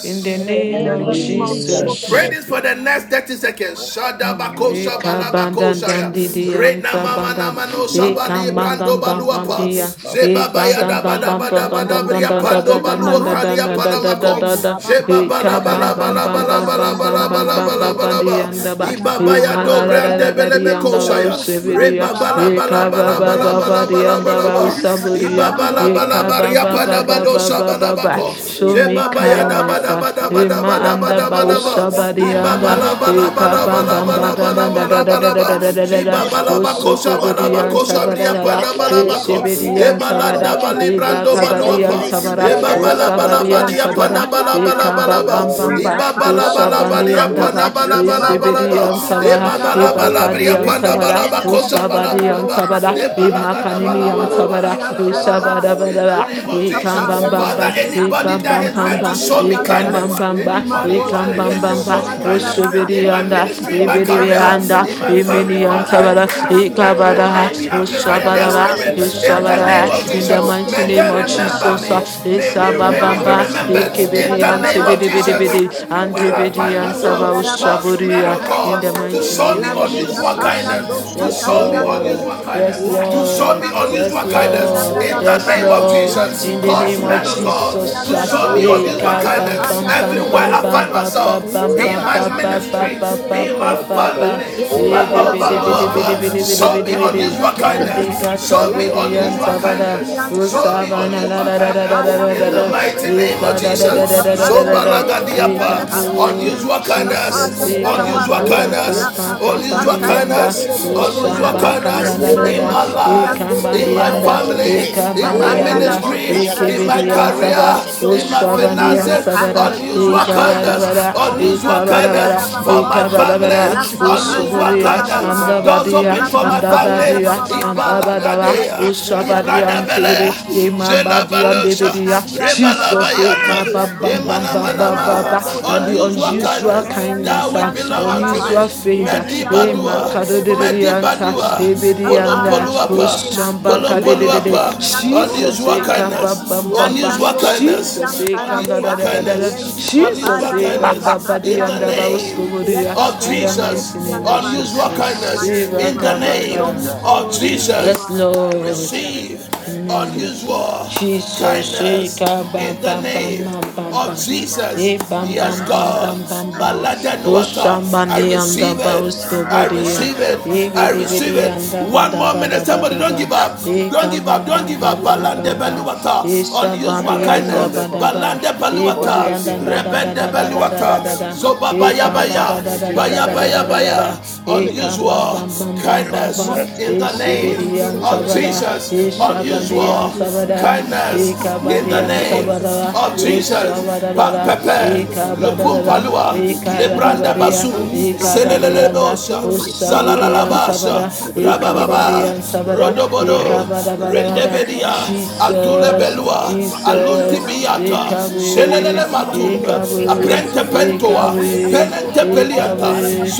Speaker 10: in the
Speaker 7: In
Speaker 3: in the
Speaker 7: the
Speaker 9: in
Speaker 8: In
Speaker 10: name
Speaker 9: the
Speaker 8: the
Speaker 3: name
Speaker 7: name
Speaker 10: of
Speaker 3: of
Speaker 7: of
Speaker 9: name of
Speaker 8: name
Speaker 7: Jesus.
Speaker 8: of
Speaker 3: Jesus.
Speaker 8: the
Speaker 9: Jesus.
Speaker 1: Pray
Speaker 10: Jesus.
Speaker 8: Lord
Speaker 1: this for
Speaker 8: Jesus.
Speaker 1: the next 30 seconds.
Speaker 8: Oh, last
Speaker 7: Amen.
Speaker 9: Father,
Speaker 1: Shadabako
Speaker 9: in the
Speaker 8: million,
Speaker 10: Eka
Speaker 9: name of
Speaker 1: shabalabako
Speaker 10: bandan
Speaker 9: Jesus,
Speaker 1: shaya.
Speaker 10: dan di di
Speaker 9: unusual
Speaker 1: Rena
Speaker 10: anta
Speaker 9: kindness.
Speaker 1: mama
Speaker 10: banda.
Speaker 1: nama
Speaker 9: Lord.
Speaker 1: no
Speaker 8: Libidia,
Speaker 9: Lika
Speaker 10: Eka
Speaker 1: shabali
Speaker 8: oh,
Speaker 1: brando
Speaker 9: rosi
Speaker 10: bandan
Speaker 8: Libidia,
Speaker 10: dan
Speaker 1: baluapa.
Speaker 9: dianderebe.
Speaker 10: bandia.
Speaker 8: Baba, Baba,
Speaker 10: E
Speaker 1: Zebaba ya
Speaker 9: Show me
Speaker 10: bandan dan
Speaker 1: daba
Speaker 10: ban
Speaker 1: daba
Speaker 10: dan
Speaker 9: unusual
Speaker 8: oh,
Speaker 10: dan
Speaker 9: kindness,
Speaker 10: dan
Speaker 8: Baba,
Speaker 10: dan
Speaker 8: Baba,
Speaker 10: dan
Speaker 9: Father.
Speaker 1: pando
Speaker 8: Baba,
Speaker 10: dan
Speaker 9: Lima
Speaker 1: balua
Speaker 10: dan dan
Speaker 9: rose
Speaker 1: kadia
Speaker 9: que
Speaker 10: dan dan
Speaker 8: Libidia,
Speaker 10: dan dan
Speaker 9: te
Speaker 10: dan dan
Speaker 8: oh,
Speaker 10: dan
Speaker 1: panamako.
Speaker 10: dan dan.
Speaker 8: Baba,
Speaker 9: dianderabaha.
Speaker 8: Libidia,
Speaker 1: Zebaba la
Speaker 10: Eka
Speaker 1: ba
Speaker 7: Amen.
Speaker 1: la
Speaker 10: bam
Speaker 7: Amen.
Speaker 8: Baba,
Speaker 1: ba
Speaker 9: Reke
Speaker 10: bam
Speaker 1: la ba
Speaker 10: bam
Speaker 8: Baba,
Speaker 7: Amen.
Speaker 8: Baba,
Speaker 10: bam
Speaker 9: pisa
Speaker 1: la
Speaker 10: bam
Speaker 1: ba
Speaker 7: Amen.
Speaker 10: bam
Speaker 8: Baba,
Speaker 1: la ba
Speaker 10: bam bam bam bam
Speaker 9: tatayanderebe
Speaker 10: di
Speaker 8: Baba,
Speaker 10: anda ba.
Speaker 1: Ibaba
Speaker 10: E
Speaker 9: dianderabaha.
Speaker 1: ya
Speaker 10: ma da
Speaker 1: dobre
Speaker 10: da
Speaker 8: Ola
Speaker 10: da da
Speaker 1: ande
Speaker 9: Leke
Speaker 8: Rina
Speaker 10: da di anda ba
Speaker 1: shaya.
Speaker 8: Smaklavan
Speaker 9: dianderebe
Speaker 8: Rina
Speaker 10: usebiria.
Speaker 1: Rebaba la
Speaker 9: dianderabasa
Speaker 1: ba la
Speaker 10: Eka
Speaker 1: ba
Speaker 10: ba
Speaker 1: la
Speaker 8: Smaklavidas.
Speaker 10: ba
Speaker 1: ba la
Speaker 10: ba
Speaker 1: ba
Speaker 10: ba
Speaker 9: tatayandeha.
Speaker 10: di
Speaker 8: Ola
Speaker 10: anda
Speaker 8: Rina
Speaker 10: ba
Speaker 9: Lendika
Speaker 8: Smaklavan
Speaker 10: usaburia.
Speaker 1: Ibaba la ba
Speaker 9: tayandose
Speaker 1: la
Speaker 9: que
Speaker 10: Eka
Speaker 8: Smaklavidas
Speaker 10: ba
Speaker 9: te
Speaker 10: ba ba ba
Speaker 1: panabado
Speaker 10: ba
Speaker 8: Smaklavidas.
Speaker 10: ba
Speaker 9: dianderebe.
Speaker 10: ba ba.
Speaker 1: shabalabako.
Speaker 8: Ola
Speaker 10: Show
Speaker 8: Rina
Speaker 10: me
Speaker 1: Zebaba
Speaker 8: Smaklavan
Speaker 9: Yandaraba,
Speaker 11: Amen. Amen.
Speaker 10: kindness. ah.
Speaker 11: Amen.
Speaker 9: Lekete
Speaker 10: Ema
Speaker 8: Smaklavidas.
Speaker 10: anda ba
Speaker 8: Ola
Speaker 9: Yandarabo
Speaker 8: Rina Smaklavan
Speaker 9: Shaka
Speaker 10: usabadi anda.
Speaker 9: Yanderebeha,
Speaker 10: Eka
Speaker 8: Smaklavidas
Speaker 10: bam bam ba
Speaker 9: Lekete
Speaker 10: da da da da da
Speaker 9: Yandaraba
Speaker 8: Smaklavidas.
Speaker 10: da da
Speaker 9: Baba,
Speaker 10: da da da da da.
Speaker 9: Zekete
Speaker 10: Osukubudi
Speaker 8: Ola Rina
Speaker 10: anta ba da ba
Speaker 9: Yandereberebosha,
Speaker 10: da.
Speaker 8: Smaklavan
Speaker 9: Lekete
Speaker 10: Eshibidi anta ba da.
Speaker 9: Yandereberebe,
Speaker 8: Smaklavidas
Speaker 10: Eba
Speaker 8: Smaklavidas.
Speaker 10: kabadi
Speaker 9: Lekete
Speaker 10: anta ba da.
Speaker 8: Ola bala
Speaker 9: Yanderebosha,
Speaker 8: bala
Speaker 10: Osabadi anta ba da.
Speaker 9: Lakapa
Speaker 8: bala.
Speaker 10: Eka
Speaker 9: Yarababa,
Speaker 10: ba
Speaker 8: Ola
Speaker 10: bam bam
Speaker 8: rila
Speaker 10: ba.
Speaker 9: Rakapa
Speaker 8: shabla ba. Ma
Speaker 10: Osabani
Speaker 9: Yanderebosha,
Speaker 10: anda
Speaker 8: rila
Speaker 10: ba.
Speaker 8: shabla ba dila
Speaker 10: Eshibidi
Speaker 8: ba.
Speaker 9: Libarosiki
Speaker 10: anta ba. da.
Speaker 8: Ola
Speaker 9: Yantarabaha,
Speaker 10: Eba
Speaker 8: rila
Speaker 10: kadi
Speaker 9: let
Speaker 10: anta
Speaker 8: shabla
Speaker 9: it
Speaker 10: ba da.
Speaker 8: ba
Speaker 10: Sabadi
Speaker 8: dila
Speaker 10: and
Speaker 9: payabosha.
Speaker 10: Sabada,
Speaker 8: shabla ba.
Speaker 10: E
Speaker 9: Let it
Speaker 10: Makanini
Speaker 8: Ola
Speaker 10: and
Speaker 8: rila
Speaker 10: Sabada,
Speaker 9: payabosia.
Speaker 10: E
Speaker 8: shabla ba
Speaker 1: Ibabala
Speaker 10: Sabada
Speaker 1: in
Speaker 8: rila
Speaker 1: the
Speaker 10: Bada,
Speaker 1: name
Speaker 9: Lendi
Speaker 1: of
Speaker 10: E
Speaker 8: shabla
Speaker 1: Jesus.
Speaker 8: ba
Speaker 9: kapayan
Speaker 8: rila.
Speaker 1: Father,
Speaker 10: Kambambamba,
Speaker 9: derebeha.
Speaker 10: E
Speaker 1: anybody that is meant to
Speaker 9: Kapayan
Speaker 10: Kambambamba,
Speaker 1: show
Speaker 10: E
Speaker 1: me
Speaker 9: dirianta.
Speaker 8: Ola
Speaker 1: kindness,
Speaker 10: Kambambamba,
Speaker 9: Ima
Speaker 1: anybody
Speaker 10: E
Speaker 1: you
Speaker 9: rose
Speaker 1: are
Speaker 8: bala
Speaker 1: elected
Speaker 5: Y
Speaker 1: to
Speaker 5: el
Speaker 1: show
Speaker 10: Kambambamba,
Speaker 5: piso
Speaker 1: me
Speaker 8: bala.
Speaker 9: keterian
Speaker 10: O
Speaker 5: había
Speaker 1: kindness,
Speaker 9: darabaha.
Speaker 10: Subidi
Speaker 1: in
Speaker 5: caído,
Speaker 8: Oh,
Speaker 1: my
Speaker 10: and that,
Speaker 8: Mary,
Speaker 1: ministry, in
Speaker 10: E
Speaker 1: my
Speaker 8: that's
Speaker 9: Yakatosha
Speaker 10: Bidi
Speaker 8: not
Speaker 1: career,
Speaker 10: and
Speaker 8: bloody,
Speaker 9: sadian
Speaker 1: in
Speaker 10: that,
Speaker 8: that's
Speaker 1: my
Speaker 10: E
Speaker 8: not
Speaker 9: derebe.
Speaker 1: family,
Speaker 10: Mini and
Speaker 8: brother,
Speaker 1: Father, I
Speaker 10: Sabada,
Speaker 8: that's me.
Speaker 10: E
Speaker 9: Lakian
Speaker 1: pray. Let my
Speaker 8: Oh,
Speaker 9: derebo
Speaker 1: name be
Speaker 10: Kabada,
Speaker 8: Mary,
Speaker 10: O
Speaker 9: sadian
Speaker 1: amplified in their
Speaker 8: oh,
Speaker 10: Sabada,
Speaker 8: la,
Speaker 9: darabaha.
Speaker 8: la,
Speaker 10: E
Speaker 8: la,
Speaker 1: spirits.
Speaker 8: la, la,
Speaker 1: In
Speaker 8: la,
Speaker 1: the
Speaker 9: Kalian
Speaker 1: name of
Speaker 10: Sabada, in
Speaker 1: Jesus,
Speaker 10: the
Speaker 9: derebebo
Speaker 8: yeah,
Speaker 10: mighty
Speaker 1: may
Speaker 10: name
Speaker 8: oh,
Speaker 10: of
Speaker 1: they
Speaker 9: sekerian
Speaker 8: la, la, la,
Speaker 9: daraba.
Speaker 1: remember
Speaker 8: la,
Speaker 10: Jesus,
Speaker 1: me.
Speaker 10: uh,
Speaker 8: la.
Speaker 10: E
Speaker 1: May, me,
Speaker 8: Oh, la,
Speaker 1: may
Speaker 9: Lima
Speaker 1: we
Speaker 8: Mary,
Speaker 1: be
Speaker 9: rose
Speaker 8: that's
Speaker 10: Sabambamba,
Speaker 8: not
Speaker 9: que
Speaker 10: E
Speaker 1: remembered.
Speaker 8: bloody,
Speaker 9: sería
Speaker 1: In
Speaker 10: Kibidi
Speaker 8: that's
Speaker 1: the
Speaker 10: and
Speaker 8: not
Speaker 1: name of
Speaker 10: Tibidi
Speaker 8: brother,
Speaker 9: andarabasco
Speaker 10: Bidi
Speaker 1: Jesus.
Speaker 8: Mary,
Speaker 9: andeja,
Speaker 10: Bidi,
Speaker 8: that's not
Speaker 10: and
Speaker 1: Everywhere
Speaker 9: la
Speaker 1: I
Speaker 8: brother.
Speaker 9: que
Speaker 10: Dibidi
Speaker 1: find
Speaker 10: and
Speaker 9: sea
Speaker 8: Oh,
Speaker 10: Taba
Speaker 8: la,
Speaker 1: myself,
Speaker 10: O
Speaker 8: Mary, that's
Speaker 1: God's
Speaker 9: andarabasco
Speaker 8: not
Speaker 1: men
Speaker 10: Shaburia,
Speaker 1: of
Speaker 8: brother, Mary,
Speaker 1: God
Speaker 10: in the
Speaker 9: catarianda,
Speaker 1: to
Speaker 10: mighty
Speaker 8: that's
Speaker 1: show me
Speaker 10: name
Speaker 8: not
Speaker 10: of
Speaker 8: brother,
Speaker 9: landica
Speaker 1: unusual
Speaker 10: Jesus.
Speaker 9: payando
Speaker 1: kindness, to
Speaker 8: yeah,
Speaker 10: Yes,
Speaker 1: show me
Speaker 8: oh,
Speaker 9: chataria
Speaker 8: la, la, la,
Speaker 10: Lord.
Speaker 9: derebe,
Speaker 1: unusual
Speaker 8: la, la,
Speaker 10: Yes,
Speaker 1: kindness,
Speaker 9: la que
Speaker 1: to show
Speaker 8: keep
Speaker 10: Lord.
Speaker 1: me
Speaker 9: payando
Speaker 8: it up,
Speaker 10: Yes,
Speaker 1: unusual kindness
Speaker 9: chequería
Speaker 10: Lord.
Speaker 8: oh
Speaker 1: in
Speaker 8: la. la
Speaker 1: the
Speaker 8: la
Speaker 10: Yes,
Speaker 9: andarababa,
Speaker 5: la
Speaker 1: name
Speaker 8: la
Speaker 1: of
Speaker 5: chica.
Speaker 10: Lord.
Speaker 1: Jesus.
Speaker 10: In the
Speaker 1: God's
Speaker 10: name
Speaker 9: landici
Speaker 10: of
Speaker 1: men of God
Speaker 9: anderebería
Speaker 8: la,
Speaker 10: Jesus.
Speaker 1: to
Speaker 10: ah.
Speaker 8: Oh,
Speaker 1: show
Speaker 8: la,
Speaker 9: andaraba,
Speaker 1: me
Speaker 8: la,
Speaker 10: Eh,
Speaker 8: la, la,
Speaker 1: unusual
Speaker 9: la
Speaker 10: ka
Speaker 8: la,
Speaker 10: bam
Speaker 1: kindness.
Speaker 8: keep
Speaker 9: capaya
Speaker 10: bam
Speaker 8: it
Speaker 10: bam
Speaker 8: up,
Speaker 1: Everywhere
Speaker 8: oh
Speaker 10: bam
Speaker 1: I
Speaker 8: la. la
Speaker 10: bam
Speaker 1: find
Speaker 8: la
Speaker 9: andereberebo,
Speaker 8: la,
Speaker 10: bam
Speaker 1: myself,
Speaker 10: bam
Speaker 9: ni
Speaker 8: oh
Speaker 10: bam bam
Speaker 8: la
Speaker 1: be in
Speaker 10: bam
Speaker 8: la
Speaker 1: my
Speaker 8: la
Speaker 9: capaya
Speaker 8: la.
Speaker 10: bam bam bam
Speaker 1: ministry,
Speaker 9: andirian
Speaker 10: bam.
Speaker 1: be in
Speaker 10: ba
Speaker 9: tereberebe,
Speaker 1: my
Speaker 10: ba ba.
Speaker 9: le
Speaker 1: family,
Speaker 9: quería
Speaker 1: my
Speaker 10: Eh, de
Speaker 1: love,
Speaker 10: be
Speaker 1: my
Speaker 10: de be de
Speaker 1: love,
Speaker 9: andarababa,
Speaker 10: be de be de be de
Speaker 9: la
Speaker 1: show
Speaker 10: be de
Speaker 9: que
Speaker 1: me
Speaker 10: be de.
Speaker 1: unusual
Speaker 9: payando
Speaker 10: And
Speaker 1: kindness,
Speaker 10: the
Speaker 1: show
Speaker 9: la
Speaker 1: me
Speaker 9: que
Speaker 10: katabodi and
Speaker 1: unusual
Speaker 10: tabada.
Speaker 1: kindness. Show
Speaker 9: payando
Speaker 1: me
Speaker 10: la la
Speaker 1: unusual
Speaker 10: la la la la
Speaker 1: kindness
Speaker 9: kapayan
Speaker 10: la
Speaker 1: in
Speaker 10: la
Speaker 9: dere
Speaker 1: the
Speaker 10: la.
Speaker 9: derebelebe,
Speaker 1: mighty
Speaker 10: Eh,
Speaker 1: name of
Speaker 10: ka da da
Speaker 1: Jesus.
Speaker 9: lendi
Speaker 10: da da da da
Speaker 1: So
Speaker 9: kapayan
Speaker 5: No,
Speaker 10: da
Speaker 5: no,
Speaker 9: dere
Speaker 5: no, no, my
Speaker 1: balagadiapa,
Speaker 9: derebediyandaha,
Speaker 5: friend, no,
Speaker 10: da.
Speaker 5: but
Speaker 1: unusual
Speaker 9: lendi
Speaker 10: Jesus,
Speaker 9: kapayan
Speaker 1: kindness,
Speaker 10: eh,
Speaker 1: unusual
Speaker 9: darabaha,
Speaker 10: kamba da da
Speaker 9: la
Speaker 1: kindness,
Speaker 10: da da
Speaker 9: kasuka
Speaker 10: ba
Speaker 1: unusual
Speaker 10: di
Speaker 9: tadiyan
Speaker 10: anda.
Speaker 1: kindness,
Speaker 10: O
Speaker 9: dereberebosha,
Speaker 3: May
Speaker 1: unusual
Speaker 3: Your
Speaker 10: shamba
Speaker 5: I hear
Speaker 1: kindness
Speaker 10: kanda
Speaker 5: the
Speaker 10: da
Speaker 3: kindness,
Speaker 5: long
Speaker 9: lima
Speaker 3: O
Speaker 10: da
Speaker 1: in
Speaker 10: da.
Speaker 5: blank,
Speaker 3: Lord,
Speaker 1: my
Speaker 3: and give
Speaker 10: E
Speaker 1: life,
Speaker 9: nosikiyan
Speaker 3: your
Speaker 10: kamba
Speaker 1: in
Speaker 10: di
Speaker 1: my
Speaker 3: kindness,
Speaker 9: derebeha,
Speaker 3: O
Speaker 10: anda.
Speaker 3: Lord, I
Speaker 10: E
Speaker 1: family,
Speaker 3: shall take
Speaker 1: in
Speaker 10: kamba
Speaker 3: it
Speaker 1: my
Speaker 10: di
Speaker 3: every
Speaker 9: likapaya
Speaker 5: long
Speaker 9: da
Speaker 3: day,
Speaker 10: anda.
Speaker 3: every
Speaker 5: blank.
Speaker 1: ministry,
Speaker 9: bosha
Speaker 3: day.
Speaker 10: E
Speaker 1: in
Speaker 10: kebe
Speaker 1: my
Speaker 3: and
Speaker 10: di
Speaker 3: your
Speaker 9: tadiyandaha.
Speaker 3: kindness
Speaker 1: career,
Speaker 3: for
Speaker 10: ansaba.
Speaker 3: my
Speaker 9: Show
Speaker 10: O
Speaker 1: in
Speaker 9: me
Speaker 3: children,
Speaker 1: my
Speaker 9: on
Speaker 3: I
Speaker 10: shaba
Speaker 9: you
Speaker 10: di
Speaker 3: know.
Speaker 9: your
Speaker 1: finances.
Speaker 10: ansabara.
Speaker 9: kindness,
Speaker 3: Lord of
Speaker 10: E
Speaker 1: Unusual
Speaker 9: Lord.
Speaker 3: my life,
Speaker 10: kaba da
Speaker 3: Lord,
Speaker 10: ba da.
Speaker 1: kindness,
Speaker 3: and give your
Speaker 10: E
Speaker 1: unusual
Speaker 3: kindness,
Speaker 10: kaba da
Speaker 3: in
Speaker 10: ba
Speaker 1: kindness
Speaker 9: Koshataria
Speaker 3: my
Speaker 10: da.
Speaker 3: kindness,
Speaker 1: for
Speaker 10: E
Speaker 1: my
Speaker 3: Lord,
Speaker 9: Rababa,
Speaker 10: kaba
Speaker 3: give
Speaker 10: da
Speaker 3: your
Speaker 10: ba da.
Speaker 1: family,
Speaker 5: So,
Speaker 3: kindness
Speaker 5: so
Speaker 10: O
Speaker 5: now,
Speaker 3: in
Speaker 5: so
Speaker 9: Lakapaya
Speaker 3: my
Speaker 1: unusual
Speaker 10: subudia.
Speaker 9: Rababa,
Speaker 3: finances,
Speaker 5: now, The
Speaker 3: and
Speaker 1: kindness.
Speaker 5: father
Speaker 3: give
Speaker 10: Anda
Speaker 3: your
Speaker 5: of the
Speaker 1: Doors
Speaker 10: badia.
Speaker 5: toss
Speaker 1: open
Speaker 3: kindness,
Speaker 5: in the
Speaker 1: for my
Speaker 5: shop.
Speaker 10: Anda
Speaker 3: I
Speaker 9: Rakapaya
Speaker 3: shall
Speaker 1: family.
Speaker 3: take
Speaker 10: badia.
Speaker 3: it every day,
Speaker 9: Rababa,
Speaker 10: Anda
Speaker 3: every day.
Speaker 10: badaba.
Speaker 3: in my
Speaker 10: O
Speaker 3: business,
Speaker 1: Ibalagadea.
Speaker 10: shaba
Speaker 3: and
Speaker 9: Lekepere
Speaker 10: di
Speaker 3: give your
Speaker 9: Berebere,
Speaker 10: antibidi.
Speaker 1: Pradabele,
Speaker 3: kindness,
Speaker 10: E
Speaker 3: oh, Abba
Speaker 10: mamba
Speaker 3: Father,
Speaker 1: Zelabalosa,
Speaker 3: show
Speaker 10: Debedia,
Speaker 3: me
Speaker 9: Koshataria
Speaker 3: give your kindness
Speaker 10: Jesus,
Speaker 9: Rabaha,
Speaker 10: eh,
Speaker 3: in the
Speaker 10: ka,
Speaker 1: Rebalabayatas.
Speaker 10: ba,
Speaker 5: you know,
Speaker 3: mighty
Speaker 10: bam,
Speaker 3: name
Speaker 10: bam,
Speaker 3: of
Speaker 5: but,
Speaker 10: bam,
Speaker 5: you
Speaker 10: ba,
Speaker 3: Jesus,
Speaker 9: Lekepeyandianda
Speaker 10: ba,
Speaker 1: Yemanama,
Speaker 3: I
Speaker 10: ba,
Speaker 5: know, I I-
Speaker 3: pray,
Speaker 5: said,
Speaker 10: and
Speaker 9: Rabosha,
Speaker 5: I
Speaker 10: the
Speaker 5: ain't
Speaker 3: I
Speaker 5: not
Speaker 3: shall
Speaker 1: unusual
Speaker 5: the
Speaker 3: take it
Speaker 5: time.
Speaker 10: unusual
Speaker 3: every
Speaker 1: kindness,
Speaker 3: day, every day,
Speaker 1: that
Speaker 3: every
Speaker 10: kindness,
Speaker 1: which
Speaker 10: ah,
Speaker 3: day, every
Speaker 9: Lekepeyandianda
Speaker 3: day,
Speaker 1: belong
Speaker 3: every
Speaker 1: unto
Speaker 3: day.
Speaker 9: Rabaha,
Speaker 1: me.
Speaker 10: unusual
Speaker 3: and give
Speaker 10: favor,
Speaker 3: your
Speaker 1: Medi
Speaker 9: Yandianda
Speaker 10: eh,
Speaker 3: kindness,
Speaker 10: ma,
Speaker 3: O
Speaker 1: Badua,
Speaker 10: ka,
Speaker 3: Lord
Speaker 10: do,
Speaker 9: Berebere
Speaker 10: do, do, do,
Speaker 1: Medi
Speaker 9: Bosha,
Speaker 3: unusual
Speaker 10: anta,
Speaker 1: Badua,
Speaker 3: kindness, oh Lord,
Speaker 10: debedia,
Speaker 1: Polom
Speaker 10: and, ah,
Speaker 3: unusual
Speaker 10: oh,
Speaker 1: Poluapa,
Speaker 3: kindness,
Speaker 9: Kapaya
Speaker 3: oh
Speaker 10: shamba,
Speaker 3: Lord,
Speaker 1: Polom
Speaker 10: ka, de,
Speaker 3: I
Speaker 10: de, de,
Speaker 3: show
Speaker 10: de.
Speaker 1: Poluapa,
Speaker 9: Lekepedian
Speaker 3: unusual kindness
Speaker 10: Jesus,
Speaker 1: unusual
Speaker 10: eh,
Speaker 3: in the
Speaker 10: ka,
Speaker 9: postianta,
Speaker 10: ba,
Speaker 1: kindness,
Speaker 3: mighty
Speaker 10: bam,
Speaker 3: name
Speaker 10: bam,
Speaker 3: of
Speaker 10: ba,
Speaker 1: unusual
Speaker 9: laiando
Speaker 3: Jesus. I pray,
Speaker 10: Jesus,
Speaker 1: kindness,
Speaker 10: eh,
Speaker 9: sikianta
Speaker 10: ka,
Speaker 3: I
Speaker 10: da,
Speaker 3: show
Speaker 1: unusual
Speaker 10: da,
Speaker 9: rabeha,
Speaker 10: da,
Speaker 3: the
Speaker 10: da, da,
Speaker 3: kitty,
Speaker 10: da.
Speaker 3: bitty,
Speaker 1: kindness,
Speaker 3: bitty,
Speaker 9: lendika
Speaker 3: bitty,
Speaker 1: unusual
Speaker 10: Jesus,
Speaker 3: bitty,
Speaker 10: eh,
Speaker 9: paiando
Speaker 10: ba,
Speaker 3: I
Speaker 10: ba,
Speaker 3: shall
Speaker 1: kindness,
Speaker 10: ba,
Speaker 3: the
Speaker 1: in
Speaker 10: di,
Speaker 3: kata,
Speaker 10: and,
Speaker 1: the
Speaker 10: ba,
Speaker 3: bada,
Speaker 9: chakadianderebe,
Speaker 3: bada,
Speaker 1: name
Speaker 10: usko, bo,
Speaker 3: bada, bada.
Speaker 10: di, ah.
Speaker 3: in
Speaker 1: of
Speaker 3: the
Speaker 10: in the
Speaker 3: mighty
Speaker 9: lekepeiando
Speaker 1: Jesus,
Speaker 3: name
Speaker 10: mighty
Speaker 3: of
Speaker 10: name of
Speaker 9: siandaban.
Speaker 5: que
Speaker 1: unusual
Speaker 3: Jesus,
Speaker 5: the
Speaker 10: Jesus,
Speaker 9: Jesus,
Speaker 5: joy I
Speaker 1: kindness,
Speaker 10: eh,
Speaker 9: mighty
Speaker 3: amen.
Speaker 5: hear,
Speaker 10: ba,
Speaker 1: in
Speaker 9: name.
Speaker 1: the
Speaker 10: ka,
Speaker 5: That's
Speaker 3: Unusual
Speaker 5: back
Speaker 10: ba,
Speaker 1: name
Speaker 5: again,
Speaker 9: Show
Speaker 5: the
Speaker 3: kindness
Speaker 10: ba.
Speaker 9: me
Speaker 5: card.
Speaker 3: in
Speaker 1: of
Speaker 3: the
Speaker 9: all
Speaker 5: Hey.
Speaker 3: name of
Speaker 10: yes,
Speaker 9: usual.
Speaker 1: Jesus I
Speaker 3: Jesus,
Speaker 10: Lord,
Speaker 3: unusual kindness in
Speaker 1: receive
Speaker 3: the name of
Speaker 10: amen.
Speaker 9: In
Speaker 3: Jesus.
Speaker 1: unusual
Speaker 9: Jesus'
Speaker 3: I show
Speaker 10: Jesus,
Speaker 3: the
Speaker 10: eh,
Speaker 1: kindness
Speaker 10: ka, ba,
Speaker 1: in
Speaker 10: ba,
Speaker 1: the
Speaker 10: ba,
Speaker 1: name
Speaker 10: ma,
Speaker 9: name.
Speaker 3: in
Speaker 10: ba,
Speaker 3: the
Speaker 10: ba.
Speaker 1: of
Speaker 3: name of
Speaker 5: Encima, pues,
Speaker 1: Jesus.
Speaker 10: E
Speaker 5: si es
Speaker 3: Jesus.
Speaker 10: bam
Speaker 1: Yes,
Speaker 10: bam
Speaker 5: verano,
Speaker 10: bam
Speaker 5: es
Speaker 1: God,
Speaker 10: bam
Speaker 5: eh,
Speaker 10: bam bam.
Speaker 5: calor.
Speaker 1: Maladen water. I
Speaker 10: Ushamandi anda
Speaker 1: receive
Speaker 10: ba
Speaker 1: it. I
Speaker 3: I
Speaker 5: A- Ahora
Speaker 10: uskobodia.
Speaker 1: receive it.
Speaker 5: ellos
Speaker 3: receive it.
Speaker 5: van
Speaker 10: E
Speaker 5: a
Speaker 3: I
Speaker 1: I
Speaker 10: bidi
Speaker 5: luchar,
Speaker 3: receive
Speaker 1: receive
Speaker 3: my
Speaker 10: bidi
Speaker 5: ¿no?
Speaker 1: it.
Speaker 10: anda ba
Speaker 3: Zakana
Speaker 1: One
Speaker 10: da
Speaker 1: more
Speaker 10: ba
Speaker 5: pero
Speaker 10: da
Speaker 1: minute.
Speaker 3: through
Speaker 10: ba
Speaker 3: my
Speaker 1: Somebody
Speaker 10: da
Speaker 1: don't
Speaker 5: en
Speaker 10: ba.
Speaker 1: give
Speaker 3: sonship.
Speaker 1: up.
Speaker 3: Maybe
Speaker 5: invierno,
Speaker 10: E
Speaker 3: I
Speaker 1: Don't
Speaker 3: could
Speaker 10: kam
Speaker 1: give up.
Speaker 3: my
Speaker 10: bam
Speaker 1: Don't
Speaker 3: life.
Speaker 10: bam
Speaker 1: give
Speaker 3: I
Speaker 1: up.
Speaker 10: bam
Speaker 3: receive
Speaker 10: bam
Speaker 3: my
Speaker 1: Balande
Speaker 10: bam bam.
Speaker 3: Zakana.
Speaker 1: baluata,
Speaker 10: E
Speaker 3: Maybe I could
Speaker 1: Unusual
Speaker 5: Pero
Speaker 10: shabandi
Speaker 3: my
Speaker 5: ese
Speaker 3: life.
Speaker 10: anda
Speaker 3: My
Speaker 5: hombre,
Speaker 1: kindness.
Speaker 10: ba da
Speaker 5: ¿cómo se
Speaker 3: prince, I
Speaker 10: ba.
Speaker 5: llama?
Speaker 1: Balande
Speaker 3: receive my
Speaker 5: El
Speaker 10: E ba
Speaker 3: Zakana.
Speaker 1: baluata,
Speaker 5: José
Speaker 10: da
Speaker 3: And my
Speaker 10: da
Speaker 5: ese
Speaker 10: da
Speaker 5: no
Speaker 3: children, I
Speaker 10: da
Speaker 5: ducha.
Speaker 10: da
Speaker 3: receive
Speaker 1: Rebende
Speaker 10: da da da da da
Speaker 1: baluata.
Speaker 5: ¿qué
Speaker 10: da da.
Speaker 5: es?
Speaker 3: my Zakana. I
Speaker 10: E
Speaker 3: receive
Speaker 5: Lo
Speaker 1: Zobabaya
Speaker 10: kam
Speaker 5: que
Speaker 10: ba
Speaker 5: pasa,
Speaker 10: da
Speaker 1: baya.
Speaker 10: da
Speaker 5: eh,
Speaker 10: da
Speaker 3: my
Speaker 10: da
Speaker 5: siempre
Speaker 3: Zakana.
Speaker 10: da
Speaker 1: Baya
Speaker 10: da
Speaker 5: está
Speaker 10: da
Speaker 1: baya
Speaker 5: donde
Speaker 3: And
Speaker 10: da da
Speaker 3: I
Speaker 5: Ana.
Speaker 10: da
Speaker 3: do it
Speaker 1: baya.
Speaker 10: da.
Speaker 3: all my
Speaker 10: E
Speaker 5: Ese no
Speaker 3: life.
Speaker 10: kam
Speaker 5: ducha.
Speaker 3: I
Speaker 10: bam
Speaker 1: Unusual
Speaker 10: bam bam
Speaker 3: Zakana to
Speaker 10: bam
Speaker 3: my
Speaker 10: bam
Speaker 1: kindness
Speaker 10: bam.
Speaker 5: Eh,
Speaker 3: children.
Speaker 9: Macho
Speaker 1: in
Speaker 10: E
Speaker 1: the
Speaker 5: Esa
Speaker 9: kati
Speaker 5: no
Speaker 1: name
Speaker 5: es.
Speaker 3: Maybe
Speaker 10: shibidi
Speaker 3: I
Speaker 9: andere
Speaker 3: could
Speaker 10: anta
Speaker 1: of
Speaker 3: of
Speaker 10: ba
Speaker 3: their
Speaker 10: da.
Speaker 9: global.
Speaker 3: life
Speaker 1: Jesus.
Speaker 3: in the
Speaker 10: E
Speaker 3: mighty
Speaker 9: Jesus
Speaker 3: name of
Speaker 10: shabandi
Speaker 9: my
Speaker 1: Unusual
Speaker 10: anta
Speaker 9: name.
Speaker 10: ba
Speaker 3: Jesus.
Speaker 10: da.
Speaker 9: Macho
Speaker 1: kindness
Speaker 10: E
Speaker 3: Unusual
Speaker 9: kati
Speaker 1: in
Speaker 10: kabadi
Speaker 3: kindness.
Speaker 1: the
Speaker 9: andere
Speaker 10: anta
Speaker 1: name
Speaker 10: ba
Speaker 9: bote.
Speaker 3: Unusual
Speaker 1: of
Speaker 3: kindness
Speaker 9: Let
Speaker 3: in the
Speaker 9: it
Speaker 10: da.
Speaker 1: Jesus.
Speaker 9: go
Speaker 3: mighty name
Speaker 9: shut
Speaker 3: of
Speaker 1: Pan
Speaker 9: the
Speaker 10: Bada
Speaker 1: Pepe,
Speaker 3: Jesus.
Speaker 9: andere
Speaker 10: Eka bada,
Speaker 3: Unusual
Speaker 1: Lupum
Speaker 10: bada
Speaker 9: global.
Speaker 3: kindness
Speaker 9: I
Speaker 3: in
Speaker 1: Palua,
Speaker 3: every aspect of
Speaker 9: receive
Speaker 1: Lebranda
Speaker 3: our
Speaker 1: Basu,
Speaker 10: Ikababadabada,
Speaker 3: life.
Speaker 9: for
Speaker 10: Ikabadabada, Ikabadabadia,
Speaker 9: you
Speaker 3: In the
Speaker 9: the
Speaker 3: mighty
Speaker 9: prayer.
Speaker 3: name
Speaker 10: Ikabadianda,
Speaker 3: of
Speaker 9: In
Speaker 1: Selelebosha,
Speaker 9: the mighty
Speaker 3: Jesus.
Speaker 9: name of
Speaker 10: Usaburian
Speaker 9: Jesus. Macho
Speaker 1: Salalalabasha,
Speaker 10: Tabada,
Speaker 9: kati andere global.
Speaker 10: Ikambadian
Speaker 1: Rabababa,
Speaker 10: Tabada,
Speaker 9: Let it go
Speaker 1: Rodobodo,
Speaker 3: Ashidikidibidibidibidibidibidibidibidi.
Speaker 10: Eka bada.
Speaker 9: shut the
Speaker 10: Bada Bada
Speaker 9: andere
Speaker 1: Rendebedia,
Speaker 9: global.
Speaker 1: Adule
Speaker 10: Jesus,
Speaker 9: Rapa
Speaker 1: Belua,
Speaker 3: Ashadakadabadabadabadabadabada.
Speaker 9: kati
Speaker 1: Alunti
Speaker 9: andere
Speaker 10: Jesus,
Speaker 1: Biata,
Speaker 9: global. Rapa
Speaker 1: Selele
Speaker 10: Ikabi.
Speaker 9: di andere
Speaker 1: Matumba,
Speaker 3: Ashidikidibidibidibidibidibidibidi.
Speaker 10: Ikabu,
Speaker 1: Aprente
Speaker 9: global.
Speaker 1: Pentoa,
Speaker 10: Ikabu,
Speaker 9: Nayada bote
Speaker 1: Penente
Speaker 9: kati
Speaker 10: Ikabu,
Speaker 1: Pelianta,
Speaker 9: andere
Speaker 3: Ashadakadabadabadabadabadabadabada.
Speaker 9: global.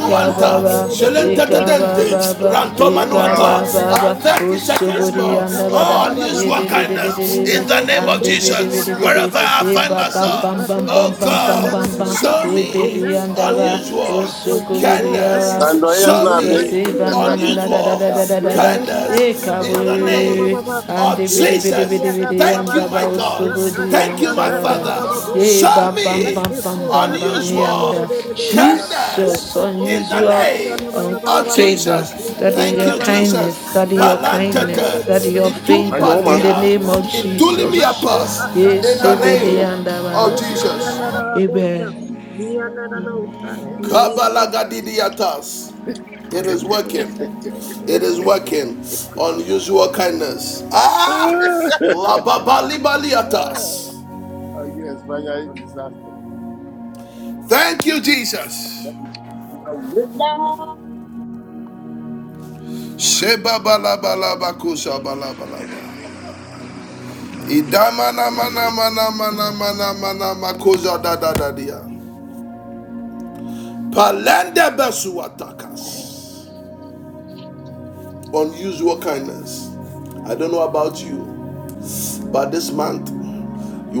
Speaker 9: Papaya andere
Speaker 1: Selente
Speaker 9: global.
Speaker 1: Dente,
Speaker 10: Ikababa,
Speaker 9: Yes,
Speaker 1: Rantomanuata,
Speaker 10: Ikababa,
Speaker 1: Ah, 30 seconds
Speaker 10: Usuburi
Speaker 3: Ashadakadabadabadabadabadabadabada.
Speaker 1: more.
Speaker 10: and Abada,
Speaker 1: Oh, unusual kindness in
Speaker 3: Ashidikidibidibidibidi.
Speaker 1: the
Speaker 10: Ididididididi,
Speaker 1: name
Speaker 10: and
Speaker 1: of
Speaker 3: Unusual kindness
Speaker 1: Jesus.
Speaker 3: in my
Speaker 10: Dibidibidibidi,
Speaker 1: Wherever
Speaker 3: being,
Speaker 1: I
Speaker 3: so
Speaker 1: find
Speaker 3: Lord.
Speaker 10: Ibabam
Speaker 9: Amen.
Speaker 10: bam
Speaker 3: Unusual
Speaker 1: myself,
Speaker 10: bam bam
Speaker 1: oh
Speaker 3: kindness,
Speaker 10: bam
Speaker 3: oh
Speaker 10: bam
Speaker 1: God,
Speaker 3: dear
Speaker 10: bam
Speaker 3: Lord.
Speaker 10: bam,
Speaker 1: show me
Speaker 3: Ah,
Speaker 10: Dibidi and
Speaker 9: Show
Speaker 3: special.
Speaker 10: Abba,
Speaker 9: me
Speaker 3: Lord. i Hallelujah. Hallelujah. Kindness in the mighty name
Speaker 1: unusual
Speaker 9: or use your
Speaker 10: Usukubudiaba,
Speaker 9: kindness
Speaker 1: kindness.
Speaker 5: Cuando ellos no
Speaker 1: Show
Speaker 9: in the
Speaker 10: Jesus,
Speaker 5: abren,
Speaker 9: mighty
Speaker 1: me
Speaker 5: siempre
Speaker 9: name
Speaker 3: of
Speaker 5: está
Speaker 9: of
Speaker 10: Banana
Speaker 5: aquí,
Speaker 10: da
Speaker 3: Jesus.
Speaker 10: da da
Speaker 9: Jesus.
Speaker 1: unusual
Speaker 10: da da
Speaker 5: sentado.
Speaker 3: We
Speaker 10: da
Speaker 9: Let
Speaker 3: shall
Speaker 10: da Ibananadadadadadada,
Speaker 9: there
Speaker 3: kindness
Speaker 9: be
Speaker 1: kindness
Speaker 9: a
Speaker 3: of the
Speaker 9: let there be
Speaker 1: in
Speaker 3: Spirit.
Speaker 1: the name
Speaker 10: Yekabu, and
Speaker 3: We
Speaker 1: of
Speaker 3: shall
Speaker 10: the bidi
Speaker 3: kindness
Speaker 10: bidi
Speaker 1: Jesus.
Speaker 3: in the
Speaker 10: bidi
Speaker 3: mighty
Speaker 10: bidi,
Speaker 1: Thank
Speaker 10: and
Speaker 3: name
Speaker 1: you,
Speaker 10: the
Speaker 3: of
Speaker 1: my God.
Speaker 10: bauskubu,
Speaker 3: Jesus.
Speaker 1: Thank
Speaker 10: and
Speaker 3: I
Speaker 9: a
Speaker 1: you, my
Speaker 3: should take
Speaker 10: Sabada.
Speaker 1: Father.
Speaker 3: it every day.
Speaker 10: Yea,
Speaker 1: Show
Speaker 3: We
Speaker 10: bam
Speaker 3: shall
Speaker 10: bam
Speaker 9: let
Speaker 1: me
Speaker 3: kindness
Speaker 10: bam
Speaker 9: the
Speaker 3: in my
Speaker 10: bam
Speaker 9: post
Speaker 10: bam
Speaker 9: at
Speaker 10: bam, the
Speaker 9: the
Speaker 3: finances.
Speaker 9: end
Speaker 10: and
Speaker 9: of
Speaker 1: unusual
Speaker 9: the
Speaker 10: the
Speaker 9: day.
Speaker 3: Show me your
Speaker 9: Let
Speaker 1: kindness
Speaker 3: kindness,
Speaker 10: Jesus,
Speaker 9: the
Speaker 3: Lord.
Speaker 9: post
Speaker 1: in the
Speaker 9: at the
Speaker 10: unusual
Speaker 3: I
Speaker 1: name
Speaker 9: end
Speaker 3: should
Speaker 9: of the
Speaker 10: um,
Speaker 3: take it
Speaker 1: of
Speaker 3: every day,
Speaker 9: Baba.
Speaker 3: every
Speaker 10: favor,
Speaker 3: day,
Speaker 1: Jesus.
Speaker 3: every day,
Speaker 10: that
Speaker 3: every day,
Speaker 10: is your
Speaker 3: every day, every day,
Speaker 10: kindness, that is your
Speaker 3: I should take it
Speaker 10: kindness,
Speaker 3: every day,
Speaker 10: that is
Speaker 3: every
Speaker 10: your
Speaker 3: day, every day,
Speaker 5: Año
Speaker 10: favor,
Speaker 5: un
Speaker 3: every day,
Speaker 10: in
Speaker 9: Thank
Speaker 5: mami no
Speaker 10: the
Speaker 5: va a
Speaker 9: you,
Speaker 10: name
Speaker 5: buen
Speaker 10: of
Speaker 3: every day, every
Speaker 5: tu
Speaker 9: Jesus.
Speaker 5: cocido.
Speaker 3: day. We shall
Speaker 10: Jesus.
Speaker 9: Marco
Speaker 3: kindness, O Lord.
Speaker 10: Yes,
Speaker 9: Casadian
Speaker 3: We
Speaker 5: Abuela,
Speaker 3: shall
Speaker 10: and
Speaker 3: kindness, O
Speaker 9: Leke
Speaker 3: Lord. Amen. In the
Speaker 9: yanara
Speaker 3: name of
Speaker 9: bosha.
Speaker 10: the
Speaker 3: Jesus.
Speaker 9: Yanara nosa.
Speaker 3: Amen.
Speaker 9: In the name of Jesus. Papaya. papaya, papaya, papaya.
Speaker 5: aquí en España hay desastre.
Speaker 1: Sheba balaba laba kusha balaba laba. Idama na mana mana mana mana mana makuza da da da dia. Takas. My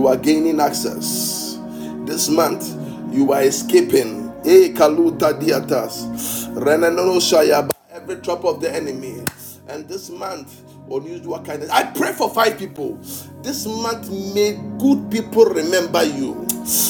Speaker 1: You are gaining access. This month, you are escaping. Eh, Every trap of the enemy. And this month, unusual kindness. I pray for five people. This month, may good people remember you.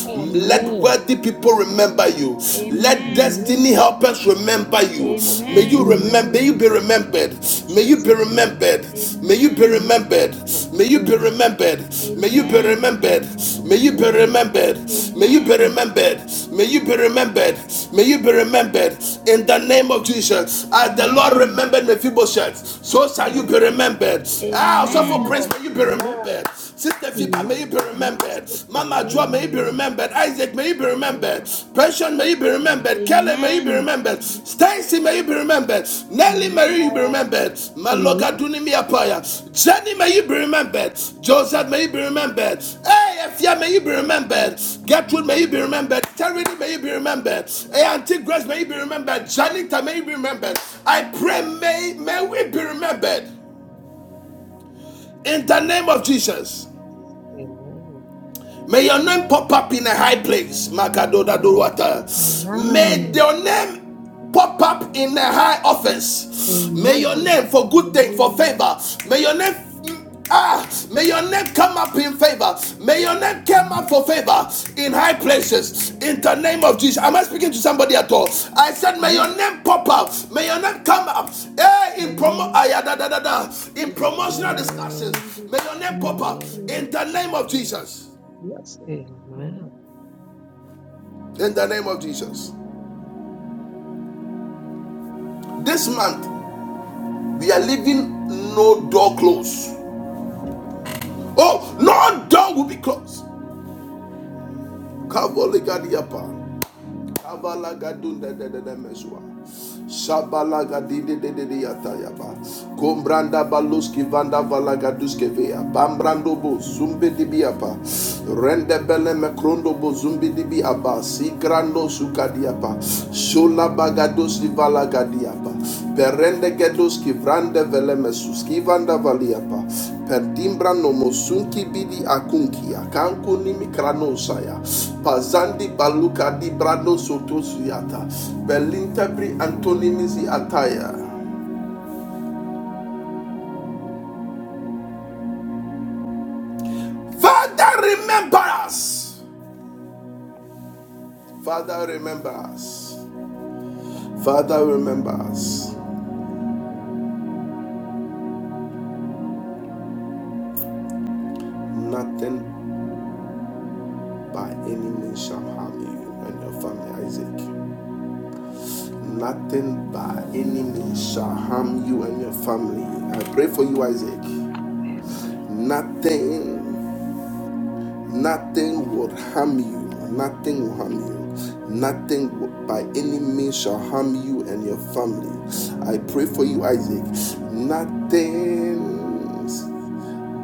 Speaker 11: Amen.
Speaker 1: Let wealthy people remember you. Let
Speaker 3: Amen.
Speaker 1: destiny
Speaker 9: Amen.
Speaker 1: helpers remember you. May you
Speaker 3: Amen.
Speaker 1: remember. May
Speaker 9: Amen.
Speaker 1: you
Speaker 11: Amen.
Speaker 1: be remembered. May you
Speaker 9: Jesus.
Speaker 1: be remembered. May you be
Speaker 3: Amen.
Speaker 9: Not
Speaker 1: remembered. May you be
Speaker 9: this.
Speaker 1: remembered remembered. May
Speaker 11: Amen.
Speaker 1: you be
Speaker 3: Amen.
Speaker 11: Amen.
Speaker 1: remembered. May you be remembered. May you be
Speaker 3: Amen.
Speaker 1: remembered. May you be remembered. May you be remembered. In the name of Jesus, as the Lord
Speaker 3: Amen.
Speaker 1: remembered Mephibosheth, so shall you
Speaker 3: Jesus.
Speaker 1: be remembered. Ah, so for
Speaker 9: Amen.
Speaker 3: Amen.
Speaker 1: Prince, may you be
Speaker 9: Yes.
Speaker 1: remembered. Sister Fiba,
Speaker 9: Not.
Speaker 1: may you be
Speaker 9: Not
Speaker 1: remembered.
Speaker 9: so
Speaker 1: Mama
Speaker 9: papaya.
Speaker 1: Joa, may you
Speaker 9: papaya,
Speaker 1: be remembered. Isaac, may you be
Speaker 9: papaya,
Speaker 1: remembered.
Speaker 9: papaya.
Speaker 1: Pension, may you be remembered remembered. Kelly, may you be
Speaker 3: Amen.
Speaker 1: remembered.
Speaker 9: Amen.
Speaker 1: Stacy, may you be remembered. Nelly,
Speaker 9: Amen.
Speaker 1: may you be remembered. Maloga
Speaker 9: Amen.
Speaker 1: Dunimiapaya. Jenny, may you be remembered. Joseph, may you be remembered. Hey, Efia, may you be remembered. Gertrude, may you be remembered. Terry, may you be remembered. Hey, Auntie Grace, may you be remembered. Janita, may you be remembered. I pray, may, may we be remembered. In the name of Jesus. May your name pop up in a high place. Makadoda Duwata. May your name pop up in a high office. May your
Speaker 9: Amen.
Speaker 1: name for
Speaker 9: In the
Speaker 1: good thing, for
Speaker 9: name of
Speaker 1: favor.
Speaker 9: Jesus.
Speaker 1: May your name Ah, may your name come up in favor. May your name come up for favor in high places. In the name of Jesus. Am I speaking to somebody at all? I said, may
Speaker 9: Yes. In the
Speaker 1: your name pop up. May your name come up. Eh, in promo
Speaker 9: name of
Speaker 1: ah, yeah, da,
Speaker 9: Jesus.
Speaker 1: da, da, da. in promotional
Speaker 9: and
Speaker 1: discussions. May your
Speaker 9: experience
Speaker 1: name
Speaker 9: in the
Speaker 1: pop up
Speaker 9: mighty name
Speaker 1: in
Speaker 9: of
Speaker 1: the name
Speaker 9: Jesus.
Speaker 1: of Jesus.
Speaker 9: Yes, Lord. And
Speaker 1: In the name of Jesus. This month, we are leaving no door closed. Oh, no door will be closed. Shabalaga dide de de de yatayaba. Kombranda baluski vanda valagaduske vea. Bambrando bo zumbi di biapa, Rende bele mekrondo bo zumbi di dibiaba. Sigrando sukadiapa. Shola bagadoski valagadiapa. Perende gedoski vrande vele mesuski vanda valiapa. Perdimbra nomosunki bidi akunkia kankuni mikranosaya pazandi baluka di brando sotosuyata belintebri antonimizi ataya. Father remember us. Father remember us. Father remember us. Nothing by any means shall harm you and your family, Isaac. Nothing by any means shall harm you and your family. I pray for you, Isaac. Nothing Nothing will harm you. Nothing will harm you. Nothing will- by any means shall harm you and your family. I pray for you, Isaac. Nothing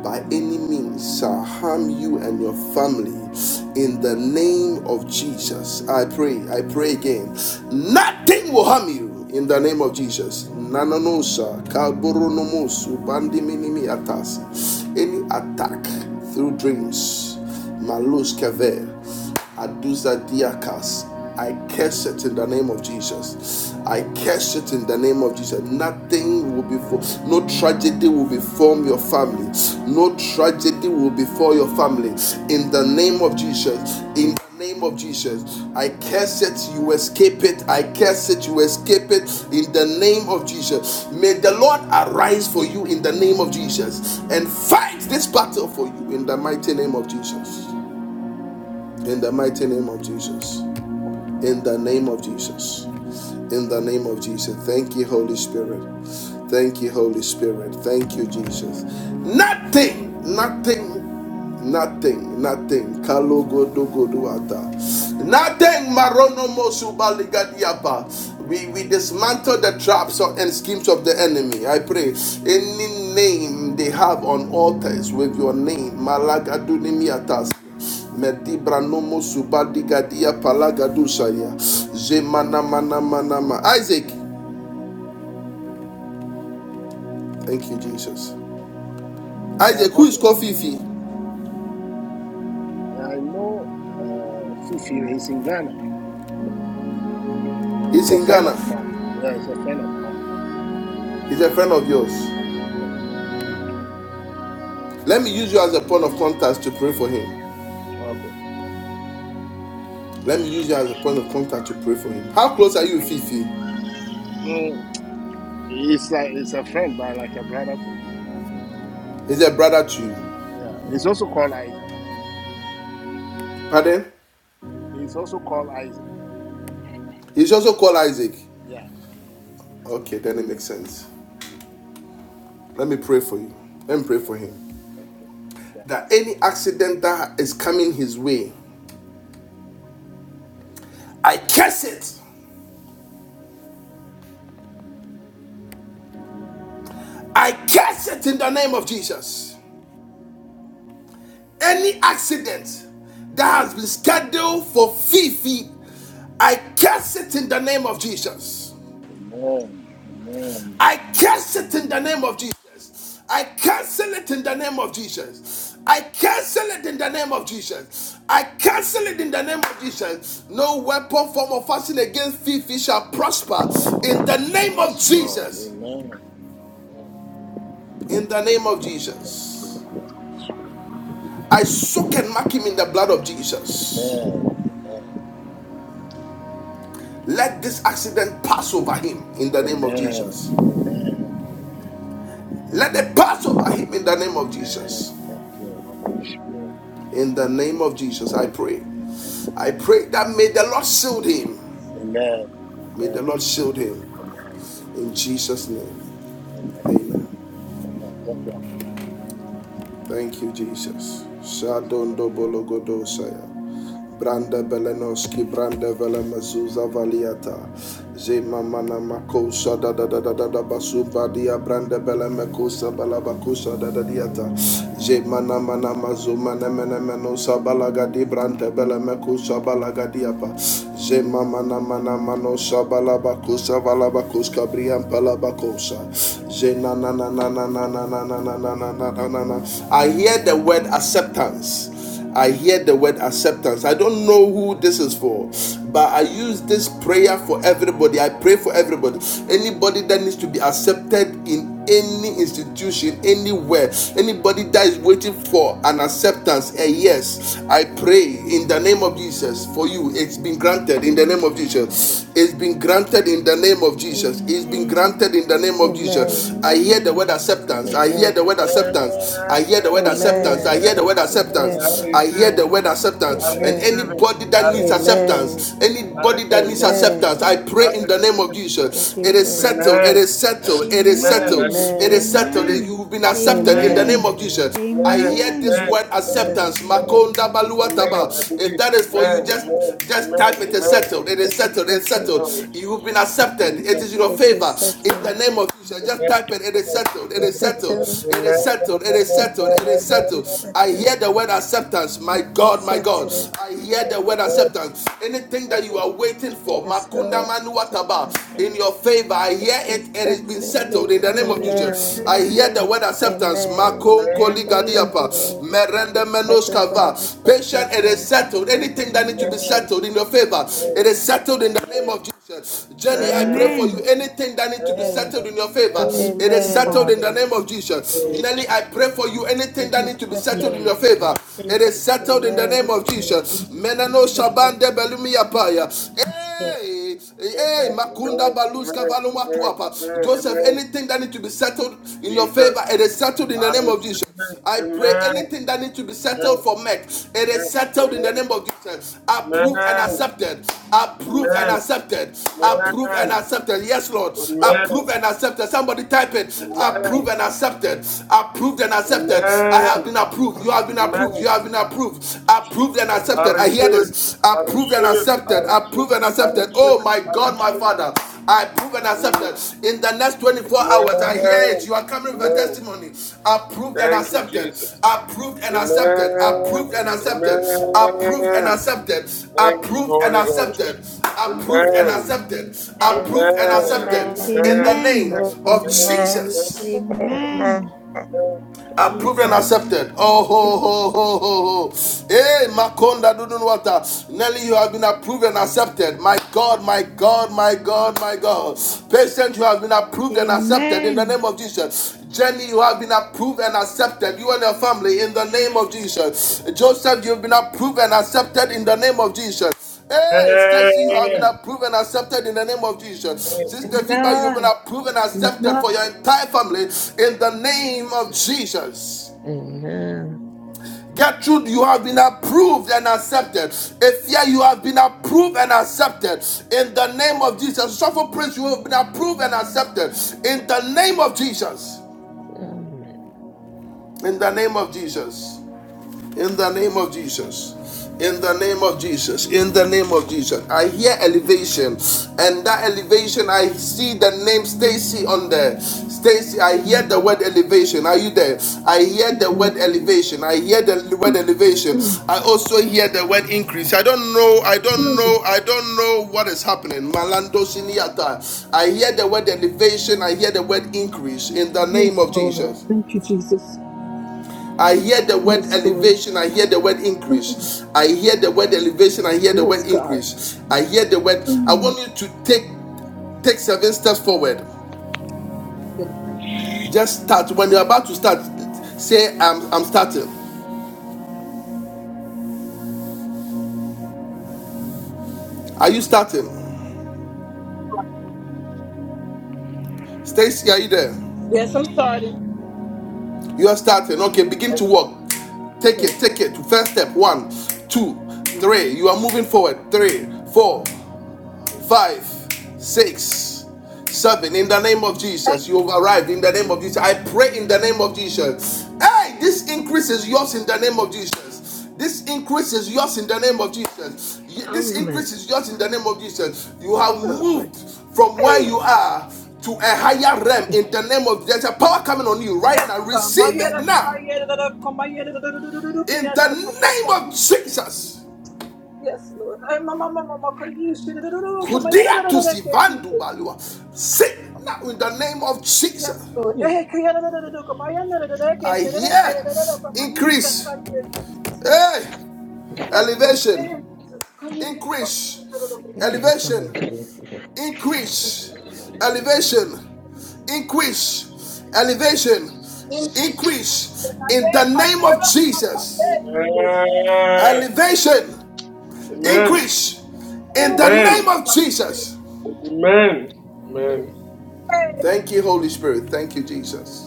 Speaker 1: by any means shall harm you and your family in the name of Jesus. I pray, I pray again. Nothing will harm you in the name of Jesus. Nananosa, kaboronomosu, bandiminimi atas. Any attack through dreams, malus kaver. Aduzadiakas. I curse it in the name of Jesus. I curse it in the name of Jesus. Nothing will be no tragedy will befall your family. No tragedy will befall your family. In the name of Jesus. In the name of Jesus. I curse it, you escape it. I curse it, you escape it. In the name of Jesus. May the Lord arise for you in the name of Jesus and fight this battle for you in the mighty name of Jesus. In the mighty name of Jesus. In the name of Jesus. In the name of Jesus. Thank you, Holy Spirit. Thank you, Holy Spirit. Thank you, Jesus. Nothing, nothing, nothing, nothing. Kalogodogoduata. Nothing. Maronomosubaligadiapa. Man absorb him of the enemy. I pray name they have on altars with your name. Malagadunimiatas. Medibra nomo subadi gadi Gadusharia. Zemana mana Isaac. Yes.
Speaker 5: Yeah,
Speaker 1: Isaac, who is
Speaker 5: pastor.
Speaker 1: Kofi Ifi?
Speaker 5: I know uh, Fifi is in Ghana. He's
Speaker 1: He's
Speaker 5: a
Speaker 1: in
Speaker 5: friend of mine.
Speaker 1: Ghana.
Speaker 5: Yeah, he's a friend of mine.
Speaker 1: He's a friend of yours.
Speaker 5: Yeah,
Speaker 1: Let me use you as a point of contact to pray for him.
Speaker 5: okay.
Speaker 1: Let me use you as a point of contact to pray for him. How close are you with Ifi?
Speaker 5: Mm, he's, a, he's a friend, but like a brother to me.
Speaker 1: He's a brother to you.
Speaker 5: Yeah, he's also called Isaac.
Speaker 1: Okay, then it makes sense. Pray for him. Let me pray for him.
Speaker 5: Okay, I
Speaker 1: That
Speaker 5: see.
Speaker 1: any accident that is coming his way, I curse it. I curse it in the name of Jesus. Any accident that has been scheduled for Fifi, I curse it in the name of Jesus.
Speaker 5: Amen. Amen.
Speaker 1: I curse it in the name of Jesus. I cancel it in the name of Jesus. I cancel it in the name of Jesus. I cancel it in the name of Jesus. No weapon, form, or fashion against Fifi shall prosper in the name of
Speaker 5: Yes, Lord.
Speaker 1: Jesus.
Speaker 5: Amen.
Speaker 1: In the name of Jesus. I soak and mark him in the blood of Jesus. Let this accident pass over him in
Speaker 5: Amen. Amen. Thank you,
Speaker 1: the name
Speaker 5: Holy
Speaker 1: of
Speaker 5: Spirit. Amen. Amen. Amen. Amen. Amen.
Speaker 1: Jesus. Let it pass over him in the name of
Speaker 5: Amen.
Speaker 1: Jesus.
Speaker 5: Thank you, Holy Spirit.
Speaker 1: In the name of Jesus, I pray.
Speaker 5: Amen.
Speaker 1: I
Speaker 5: Amen.
Speaker 1: pray that may the Lord shield him.
Speaker 5: Amen.
Speaker 1: May the
Speaker 5: Amen.
Speaker 1: Lord shield.
Speaker 5: Amen. Amen. Amen. Thank you, Apostle.
Speaker 1: Thank you, Jesus.
Speaker 5: Yes.
Speaker 1: Shadon dogodosa anda beloski branda vela mazuza valiata zema mana mako shada da da da da da kosa balaba kosa dadadiata. Je mana mana mazo mana mene meno sabalaga di brante bele meko sabalaga diapa. Je mama na mana mano sabalaba kosa balaba koska brian palaba kosa. Je na na na na na na na na na na na na na. I hear the word acceptance. I hear the word acceptance. I don't know who this is for, but I use this prayer for everybody. I pray for everybody. Anybody that needs to be accepted in any institution, anywhere, anybody that is waiting for an acceptance, a yes, I pray in the name of Jesus for you. It's been granted in the name of
Speaker 3: Amen.
Speaker 1: Jesus. It's been granted in the name of Jesus. It's been
Speaker 3: Amen.
Speaker 1: granted in the name of Jesus.
Speaker 12: Amen.
Speaker 1: I hear the
Speaker 3: Amen.
Speaker 1: word acceptance. I hear the word
Speaker 12: Amen.
Speaker 1: acceptance
Speaker 8: Amen.
Speaker 1: acceptance. I hear the word acceptance. I
Speaker 12: Amen.
Speaker 1: hear
Speaker 8: Amen.
Speaker 1: the word acceptance.
Speaker 12: Amen.
Speaker 1: I hear the word
Speaker 8: I
Speaker 1: acceptance. And
Speaker 8: receive it. I receive
Speaker 12: Amen.
Speaker 8: it.
Speaker 1: anybody
Speaker 8: I
Speaker 1: that needs
Speaker 8: receive it.
Speaker 12: Amen.
Speaker 1: acceptance,
Speaker 8: I
Speaker 1: anybody
Speaker 8: receive it.
Speaker 1: that needs acceptance, I
Speaker 12: Amen.
Speaker 8: I
Speaker 1: pray in the
Speaker 8: receive
Speaker 1: name of Jesus.
Speaker 12: Thank you,
Speaker 1: It is
Speaker 12: for your
Speaker 1: settled.
Speaker 8: Amen.
Speaker 1: It is settled. It is
Speaker 8: Amen. I
Speaker 1: settled.
Speaker 3: Amen.
Speaker 8: believe.
Speaker 1: It is
Speaker 12: Amen.
Speaker 8: I
Speaker 1: settled.
Speaker 8: believe.
Speaker 3: Amen.
Speaker 1: You've been accepted in
Speaker 8: Amen.
Speaker 1: the name
Speaker 3: Amen.
Speaker 1: of
Speaker 12: Amen.
Speaker 1: Jesus. I
Speaker 8: Amen.
Speaker 1: hear this
Speaker 8: Amen.
Speaker 1: word
Speaker 8: Amen.
Speaker 1: acceptance.
Speaker 12: Acceptance.
Speaker 8: Amen.
Speaker 1: Makonda
Speaker 8: Amen. I
Speaker 1: baluataba. If
Speaker 8: believe.
Speaker 1: that is for
Speaker 8: Amen.
Speaker 1: you,
Speaker 12: Acceptance.
Speaker 1: just
Speaker 8: Amen.
Speaker 1: just
Speaker 8: Amen.
Speaker 1: type it is
Speaker 8: Amen.
Speaker 1: settled. It is
Speaker 12: It is
Speaker 1: settled. It is
Speaker 12: settled.
Speaker 1: settled.
Speaker 8: Oh, Jesus.
Speaker 1: You've been accepted.
Speaker 8: Jesus.
Speaker 1: It
Speaker 8: Amen.
Speaker 1: is your
Speaker 12: It is
Speaker 1: favor. In
Speaker 12: settled.
Speaker 1: the name of Jesus, just
Speaker 8: Amen.
Speaker 1: type it. It is settled.
Speaker 12: It
Speaker 1: It
Speaker 12: is
Speaker 1: is settled.
Speaker 12: settled.
Speaker 1: It is
Speaker 8: Amen.
Speaker 1: settled. It is settled.
Speaker 8: Amen.
Speaker 1: It
Speaker 12: Settled.
Speaker 1: is
Speaker 12: It is
Speaker 1: settled. I
Speaker 12: settled.
Speaker 1: hear the word acceptance. My
Speaker 12: It is
Speaker 1: God, my God. I
Speaker 12: settled.
Speaker 1: I hear the word acceptance. Anything that you are
Speaker 8: Amen.
Speaker 1: waiting for,
Speaker 12: Yes,
Speaker 1: Makunda
Speaker 12: Lord. It is
Speaker 1: Manuataba,
Speaker 12: settled.
Speaker 1: in your favor, I hear
Speaker 12: It is
Speaker 1: it. It has been
Speaker 12: settled.
Speaker 1: settled in the name of Jesus.
Speaker 12: Amen.
Speaker 1: I hear the word acceptance.
Speaker 12: Amen.
Speaker 1: Makon
Speaker 12: Acceptance,
Speaker 7: Amen. Jesus.
Speaker 1: Koligadiapa,
Speaker 12: Lord.
Speaker 1: Merende
Speaker 12: everywhere
Speaker 1: Menoskava. Patient,
Speaker 12: acceptance,
Speaker 1: it is
Speaker 12: us,
Speaker 1: settled. Anything that needs to
Speaker 12: oh
Speaker 1: be settled in
Speaker 12: Jesus.
Speaker 1: your favor, it is settled in the name of
Speaker 8: Amen.
Speaker 1: Jenny,
Speaker 12: Yes,
Speaker 1: I pray
Speaker 8: Amen.
Speaker 1: for
Speaker 12: Lord.
Speaker 1: you. Anything that
Speaker 8: Jesus, I receive
Speaker 1: needs to be
Speaker 12: Amen.
Speaker 1: settled in your favor, it is
Speaker 7: Amen,
Speaker 8: it.
Speaker 1: settled in
Speaker 12: Amen.
Speaker 1: the
Speaker 7: Father.
Speaker 1: name of
Speaker 7: Thank you,
Speaker 1: Jesus.
Speaker 7: Lord.
Speaker 1: Nelly,
Speaker 12: It
Speaker 1: I pray for you. Anything that
Speaker 12: is
Speaker 1: needs to be settled
Speaker 12: settled
Speaker 1: in your
Speaker 7: Jesus.
Speaker 12: in
Speaker 1: favor,
Speaker 12: my
Speaker 11: Yes,
Speaker 1: it
Speaker 12: favor.
Speaker 1: is settled in the
Speaker 12: Amen.
Speaker 1: name
Speaker 7: Thank
Speaker 1: of
Speaker 7: you, Lord.
Speaker 1: Jesus.
Speaker 7: Thank you, Father.
Speaker 1: Menano
Speaker 12: It's settled.
Speaker 1: Shabande Belumi Apaya.
Speaker 7: Yes, Lord.
Speaker 1: Hey, hey,
Speaker 8: Amen.
Speaker 1: Makunda
Speaker 8: Amen.
Speaker 1: Baluska Valuma
Speaker 8: Amen.
Speaker 1: Tuapa. Joseph, anything that needs to be settled in your favor, it is settled in the name of Jesus. I pray anything that needs to be settled for me, it is settled in the name of Jesus. Approved and accepted.
Speaker 8: Amen.
Speaker 11: i
Speaker 1: Approved and accepted. Approved
Speaker 8: Amen.
Speaker 1: and
Speaker 8: Amen.
Speaker 1: accepted. Yes, Lord. Approved and accepted. Somebody type it.
Speaker 8: Amen.
Speaker 1: Approved and accepted. Approved and
Speaker 8: Amen.
Speaker 1: accepted. I have
Speaker 8: Amen.
Speaker 1: been approved. You have been
Speaker 8: Amen.
Speaker 1: approved. You have been approved. Approved and
Speaker 8: Jesus, I
Speaker 1: accepted. I hear
Speaker 8: receive it.
Speaker 1: this.
Speaker 8: I
Speaker 1: Approved and
Speaker 8: receive it. I
Speaker 1: accepted.
Speaker 8: receive it.
Speaker 1: Approved and
Speaker 8: I
Speaker 1: accepted.
Speaker 8: receive
Speaker 1: Oh
Speaker 8: it.
Speaker 1: my
Speaker 8: I
Speaker 1: God, my Father. I prove and accept
Speaker 8: receive it.
Speaker 1: it. In the next 24
Speaker 8: Mm.
Speaker 1: hours, I hear it.
Speaker 8: Amen.
Speaker 1: You are coming with a
Speaker 8: Amen.
Speaker 1: testimony. Approved and
Speaker 8: Thank you,
Speaker 1: accepted.
Speaker 8: Jesus.
Speaker 1: Approved and accepted.
Speaker 8: Amen.
Speaker 1: Approved and accepted. Approved and
Speaker 8: Amen.
Speaker 1: accepted.
Speaker 8: Thank you,
Speaker 1: Approved and
Speaker 8: Holy Ghost.
Speaker 1: accepted. Approved and
Speaker 8: Amen.
Speaker 1: accepted.
Speaker 12: Amen.
Speaker 8: Amen.
Speaker 1: Approved and accepted.
Speaker 3: Amen.
Speaker 12: Amen.
Speaker 1: In
Speaker 8: Amen.
Speaker 1: the
Speaker 8: Amen.
Speaker 3: Amen. Amen.
Speaker 1: name of
Speaker 8: Amen.
Speaker 12: Amen.
Speaker 8: Amen.
Speaker 1: Jesus
Speaker 12: Amen.
Speaker 3: Amen.
Speaker 8: Amen.
Speaker 12: Amen.
Speaker 1: approved and
Speaker 8: Jesus.
Speaker 12: Thank
Speaker 1: accepted. Oh
Speaker 12: you,
Speaker 1: ho ho
Speaker 12: Jesus.
Speaker 1: ho ho ho. Hey, Makonda Dudunwata. Nelly, you have been approved and accepted. My God, my God, my God, my God. Patient, you have been approved and accepted in the
Speaker 3: Amen.
Speaker 1: name of Jesus. Jenny, you have been approved and accepted. You and your family in the name of Jesus. Joseph, you've been approved and accepted in the name of Jesus. Hey, Stacy, you have been
Speaker 8: Amen.
Speaker 1: approved and accepted in the name of Jesus.
Speaker 8: Amen.
Speaker 7: Amen.
Speaker 1: Sister Fiba, you've been
Speaker 7: Amen.
Speaker 1: approved and accepted for your entire family in the name of Jesus. Gertrude, you have been approved and accepted. Efia, you have been approved and accepted in the name of Jesus. Suffer Prince, you have been approved and accepted in the name of Jesus. In the name of Jesus. In the name of Jesus. In the name of Jesus. In the name of Jesus. I hear elevation. And that elevation, I see the name Stacy on there. Stacy, I hear the word elevation. Are you there? I hear the word elevation. I hear the word elevation. I also hear the word increase. I don't know. I don't know. I don't know what is happening. Malando Siniata. I hear the word elevation. I hear the word increase in the name
Speaker 7: Yes,
Speaker 1: of
Speaker 7: Lord.
Speaker 1: Jesus.
Speaker 7: Thank you, Jesus.
Speaker 1: I hear the word
Speaker 7: Yes, Lord.
Speaker 1: elevation. I hear the word increase. I hear the word elevation. I hear the
Speaker 7: Yes,
Speaker 1: word
Speaker 7: God.
Speaker 1: increase. I hear the word. I want you to take take seven steps forward.
Speaker 7: Okay.
Speaker 1: Just start. When you're about to start, say, I'm, I'm starting. Are you starting? Stacy, are you there?
Speaker 7: Yes, I'm starting.
Speaker 1: You are starting. Okay, begin
Speaker 7: Yes.
Speaker 1: to walk. Take it, take it. First step, one, two, three. You are moving forward. Three, four, five, six, seven. In the name of
Speaker 7: Okay.
Speaker 1: Jesus, you have arrived. In the name of Jesus, I pray in the name of Jesus. Hey, this increase is yours in the name of Jesus. This increase is yours in the name of Jesus. This increase is yours in the name of Jesus. You have moved from where you are to a higher realm in the name of Jesus. there's a power coming on you right
Speaker 7: Yes,
Speaker 1: now.
Speaker 7: God.
Speaker 1: Receive it
Speaker 7: Mayada
Speaker 1: now
Speaker 7: kaya da da komaya da da da da da da da
Speaker 1: in
Speaker 7: kaya
Speaker 1: the
Speaker 7: ta ta ta
Speaker 1: name
Speaker 7: ta
Speaker 1: of
Speaker 7: ta.
Speaker 1: Jesus.
Speaker 7: Yes, Lord. Ay, mama, mama, mama, kaya shi da da da da komaya da da
Speaker 1: Kudia
Speaker 7: da
Speaker 1: to
Speaker 7: da da kaya
Speaker 1: Sivandu
Speaker 7: Jesus.
Speaker 1: Balua. Sit now in the name of Jesus.
Speaker 7: Yes, Lord. Eh, kaya da da da da da komaya da da da da kaya
Speaker 1: I
Speaker 7: shi da da kaya
Speaker 1: hear
Speaker 7: da da da komaya ka
Speaker 1: increase,
Speaker 7: ta ya Jesus.
Speaker 1: hey,
Speaker 7: Yes, God.
Speaker 1: elevation,
Speaker 7: Eh, Jesus, kaya da da komaya da da da
Speaker 1: increase,
Speaker 7: da.
Speaker 1: elevation, increase, elevation, increase, elevation,
Speaker 7: Thank you.
Speaker 1: increase in
Speaker 7: Ay,
Speaker 1: the
Speaker 7: kaya
Speaker 1: name
Speaker 7: da da
Speaker 1: of
Speaker 7: da komaya
Speaker 1: Jesus.
Speaker 7: da Jesus.
Speaker 1: Elevation,
Speaker 8: Amen.
Speaker 1: increase in
Speaker 7: Oh,
Speaker 1: the
Speaker 7: mama, mama,
Speaker 1: name of
Speaker 7: mama,
Speaker 1: Jesus.
Speaker 7: kaya.
Speaker 8: Amen. Amen. Amen.
Speaker 7: Hey,
Speaker 1: Thank you, Holy Spirit. Thank you, Jesus.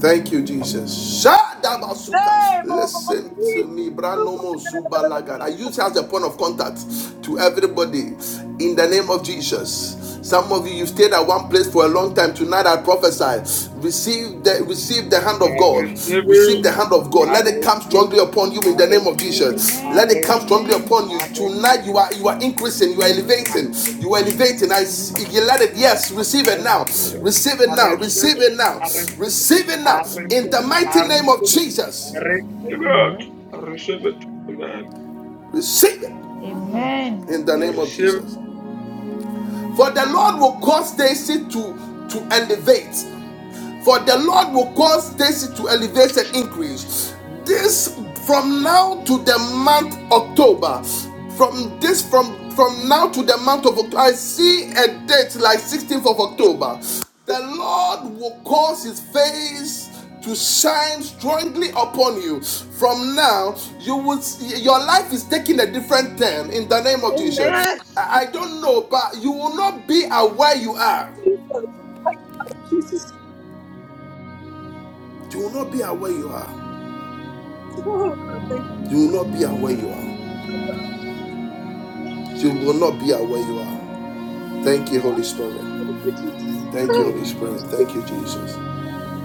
Speaker 1: Thank you, Jesus. Shadabasuka.
Speaker 7: hey, mama, mama,
Speaker 1: Listen
Speaker 7: kaya
Speaker 1: to
Speaker 7: da
Speaker 1: me,
Speaker 7: da da
Speaker 1: Branomo
Speaker 7: komaya da da
Speaker 1: Zubalaga. I
Speaker 7: da da
Speaker 1: use you
Speaker 7: kaya.
Speaker 1: as a point of contact to everybody in the name of Jesus. Some of you, you stayed at one place for a long time. Tonight I prophesy. Receive the receive the hand of
Speaker 8: I
Speaker 1: God.
Speaker 8: receive
Speaker 1: Receive
Speaker 8: it.
Speaker 1: the hand of God.
Speaker 8: I
Speaker 1: Let it come
Speaker 8: receive
Speaker 1: strongly
Speaker 8: it.
Speaker 1: upon you
Speaker 8: I
Speaker 1: in the name of
Speaker 8: receive it.
Speaker 1: Jesus.
Speaker 8: I
Speaker 1: Let it
Speaker 3: Amen.
Speaker 1: come
Speaker 8: receive
Speaker 1: strongly
Speaker 8: it.
Speaker 3: Amen.
Speaker 1: upon you.
Speaker 8: I
Speaker 1: Tonight
Speaker 8: receive
Speaker 1: you
Speaker 8: it.
Speaker 1: are you
Speaker 8: I
Speaker 1: are increasing, you
Speaker 8: receive it.
Speaker 1: are
Speaker 9: let
Speaker 8: I
Speaker 9: love
Speaker 1: elevating, you
Speaker 8: receive
Speaker 1: are
Speaker 8: it.
Speaker 1: elevating.
Speaker 9: Jesus'
Speaker 1: I,
Speaker 9: name.
Speaker 1: you
Speaker 9: Yes,
Speaker 1: let it,
Speaker 9: Lord.
Speaker 1: yes, receive
Speaker 8: I
Speaker 1: it now.
Speaker 9: In the
Speaker 1: Receive
Speaker 9: mighty
Speaker 1: it
Speaker 9: name
Speaker 1: now,
Speaker 9: of
Speaker 8: receive
Speaker 1: receive
Speaker 8: it.
Speaker 1: it now,
Speaker 8: I
Speaker 9: Jesus, I
Speaker 8: receive it.
Speaker 1: receive
Speaker 9: receive
Speaker 1: it
Speaker 9: it
Speaker 8: I
Speaker 1: now.
Speaker 9: in
Speaker 8: receive
Speaker 9: the
Speaker 1: In the
Speaker 8: it.
Speaker 9: name of
Speaker 1: mighty
Speaker 8: I receive
Speaker 1: name of
Speaker 9: Jesus. Yes,
Speaker 8: I
Speaker 1: Jesus.
Speaker 9: Lord.
Speaker 8: receive
Speaker 9: Amen.
Speaker 8: I receive I receive
Speaker 1: Receive it
Speaker 3: Amen.
Speaker 1: in the name of Jesus. For the Lord will cause Daisy to to elevate. For the Lord will cause Stacy to elevate and increase. This from now to the month October. From this from from now to the month of October, I see a date like 16th of October. The Lord will cause his face to shine strongly upon you. From now, you will see, your life is taking a different turn in the name of Jesus.
Speaker 7: Amen.
Speaker 1: I I don't know, but you will not be aware you are.
Speaker 7: Jesus. My God. Jesus.
Speaker 1: You will not be aware you are.
Speaker 7: Oh, God. Thank you
Speaker 1: You will not be aware you are. You will not be aware you are. Thank you, Holy Spirit.
Speaker 7: for Jesus.
Speaker 1: Thank you, Holy Spirit. Thank you, Jesus.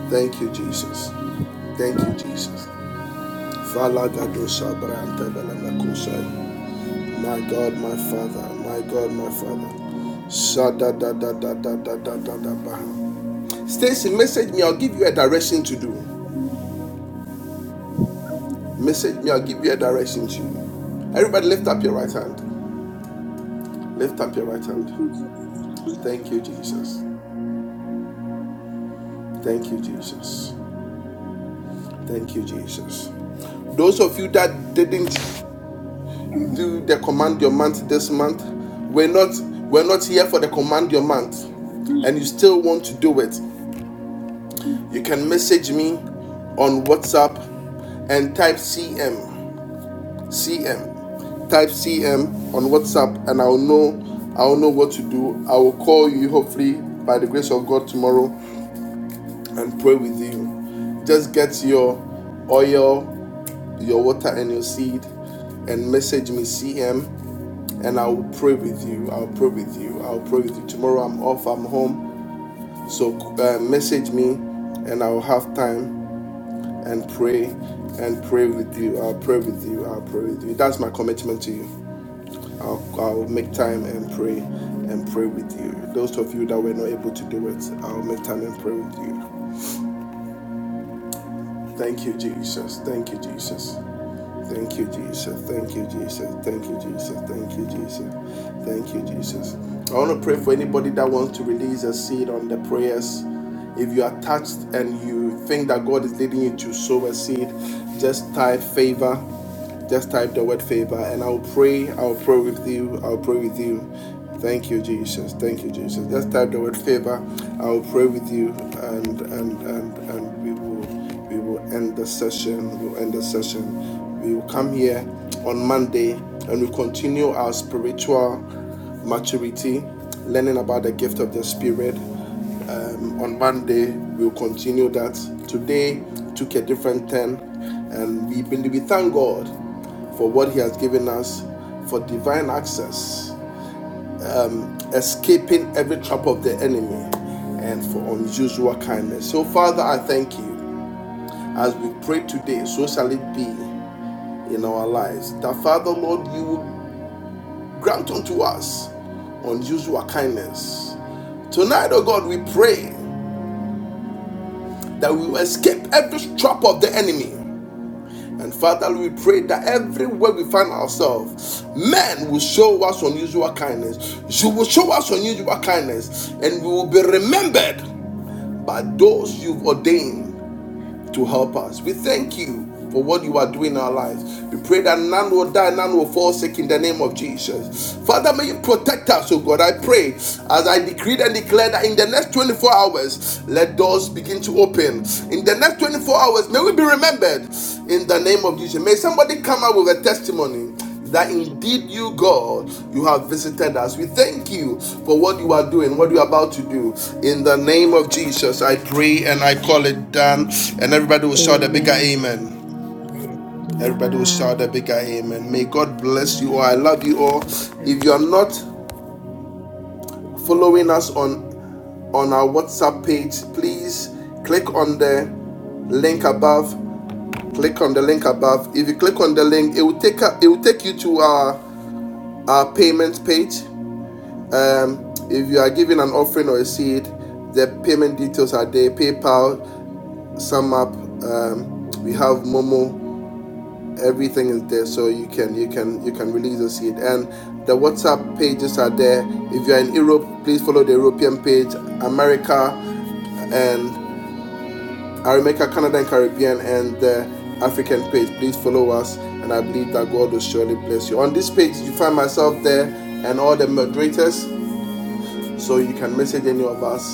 Speaker 1: Thank you, Jesus. Thank you, Jesus. My God, my Father. My God, my Father. Sada Stacy, message me. I'll give you a direction to do. Message me. I'll give you a direction to do. Everybody, lift up your right hand. Lift up your right hand. Thank you, Jesus. Thank you, Jesus. Thank you, Jesus. Those of you that didn't do the command your month this month, we're not we're not here for the command your month, and you still want to do it. You can message me on WhatsApp and type CM CM. Type CM on WhatsApp, and I'll know I'll know what to do. I will call you hopefully by the grace of God tomorrow and pray with you. Just get your oil, your water, and your seed, and message me CM and I'll pray with you. I'll pray with you. I'll pray with you. Tomorrow I'm off, I'm home. So uh, message me and I'll have time and pray and pray with you. I'll pray with you. I'll pray with you. That's my commitment to you. I'll, I'll make time and pray and pray with you. Those of you that were not able to do it, I'll make time and pray with you. Thank you, Jesus. Thank you, Jesus. Thank you, Jesus. Thank you, Jesus. Thank you, Jesus. Thank you, Jesus. Thank you, Jesus. I want to pray for anybody that wants to release a seed on the prayers. If you are touched and you think that God is leading you to sow a seed, just type favor just type the word favor and I'll pray. I'll pray with you. I'll pray with you. Thank you, Jesus. Thank you, Jesus. Just type the word favor. I'll pray with you and and and and we will we will end the session. We'll end the session. We will come here on Monday and we continue our spiritual maturity, learning about the gift of the spirit. On Monday, we'll continue that. Today took a different turn and we believe we thank God for what He has given us for divine access, escaping every trap of the enemy, and for unusual kindness. So, Father, I thank you. As we pray today, so shall it be in our lives. That, Father, Lord, you will grant unto us unusual kindness. Tonight, oh God, we pray that we will escape every trap of the enemy And Father, we pray that everywhere we find ourselves, men will show us unusual kindness. You will show us unusual kindness, and we will be remembered by those you've ordained to help us. We thank you for what you are doing in our lives. We pray that none will die, none will fall sick in the name of Jesus. Father, may you protect us, oh God. I pray as I decreed and declare that in the next 24 hours, let doors begin to open. In the next 24 hours, may we be remembered in the name of Jesus. May somebody come out with a testimony that indeed you, God, you have visited us. We thank you for what you are doing, what you are
Speaker 12: Amen.
Speaker 1: about to do. In the name of Jesus, I pray and I call it done. And everybody will shout a bigger
Speaker 12: Amen.
Speaker 1: amen.
Speaker 12: Amen.
Speaker 1: Everybody will shout a bigger amen. May
Speaker 12: Amen.
Speaker 1: God bless you
Speaker 9: Amen.
Speaker 1: all. I love you all.
Speaker 12: God
Speaker 1: If you are
Speaker 12: bless you.
Speaker 1: not following us on on our WhatsApp page, please click on the link above click on the link above if you click on the link it will take it will take you to our our payment page Um, if you are giving an offering or a seed, the payment details are there PayPal, SumUp, um, we have Momo, everything is there so you can you can you can release a seed and the WhatsApp pages are there. If you are in Europe, please follow the European page, America and Arimeca Canada and Caribbean and the African page. Please follow us and I believe that God will surely bless you. On this page you find myself there and all the moderators so you can message any of us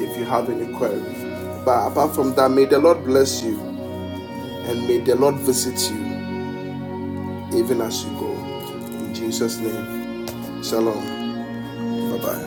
Speaker 1: if you have any queries. But apart from that, may the Lord bless you and may the Lord visit you even as you go. In Jesus' name, shalom. Bye bye.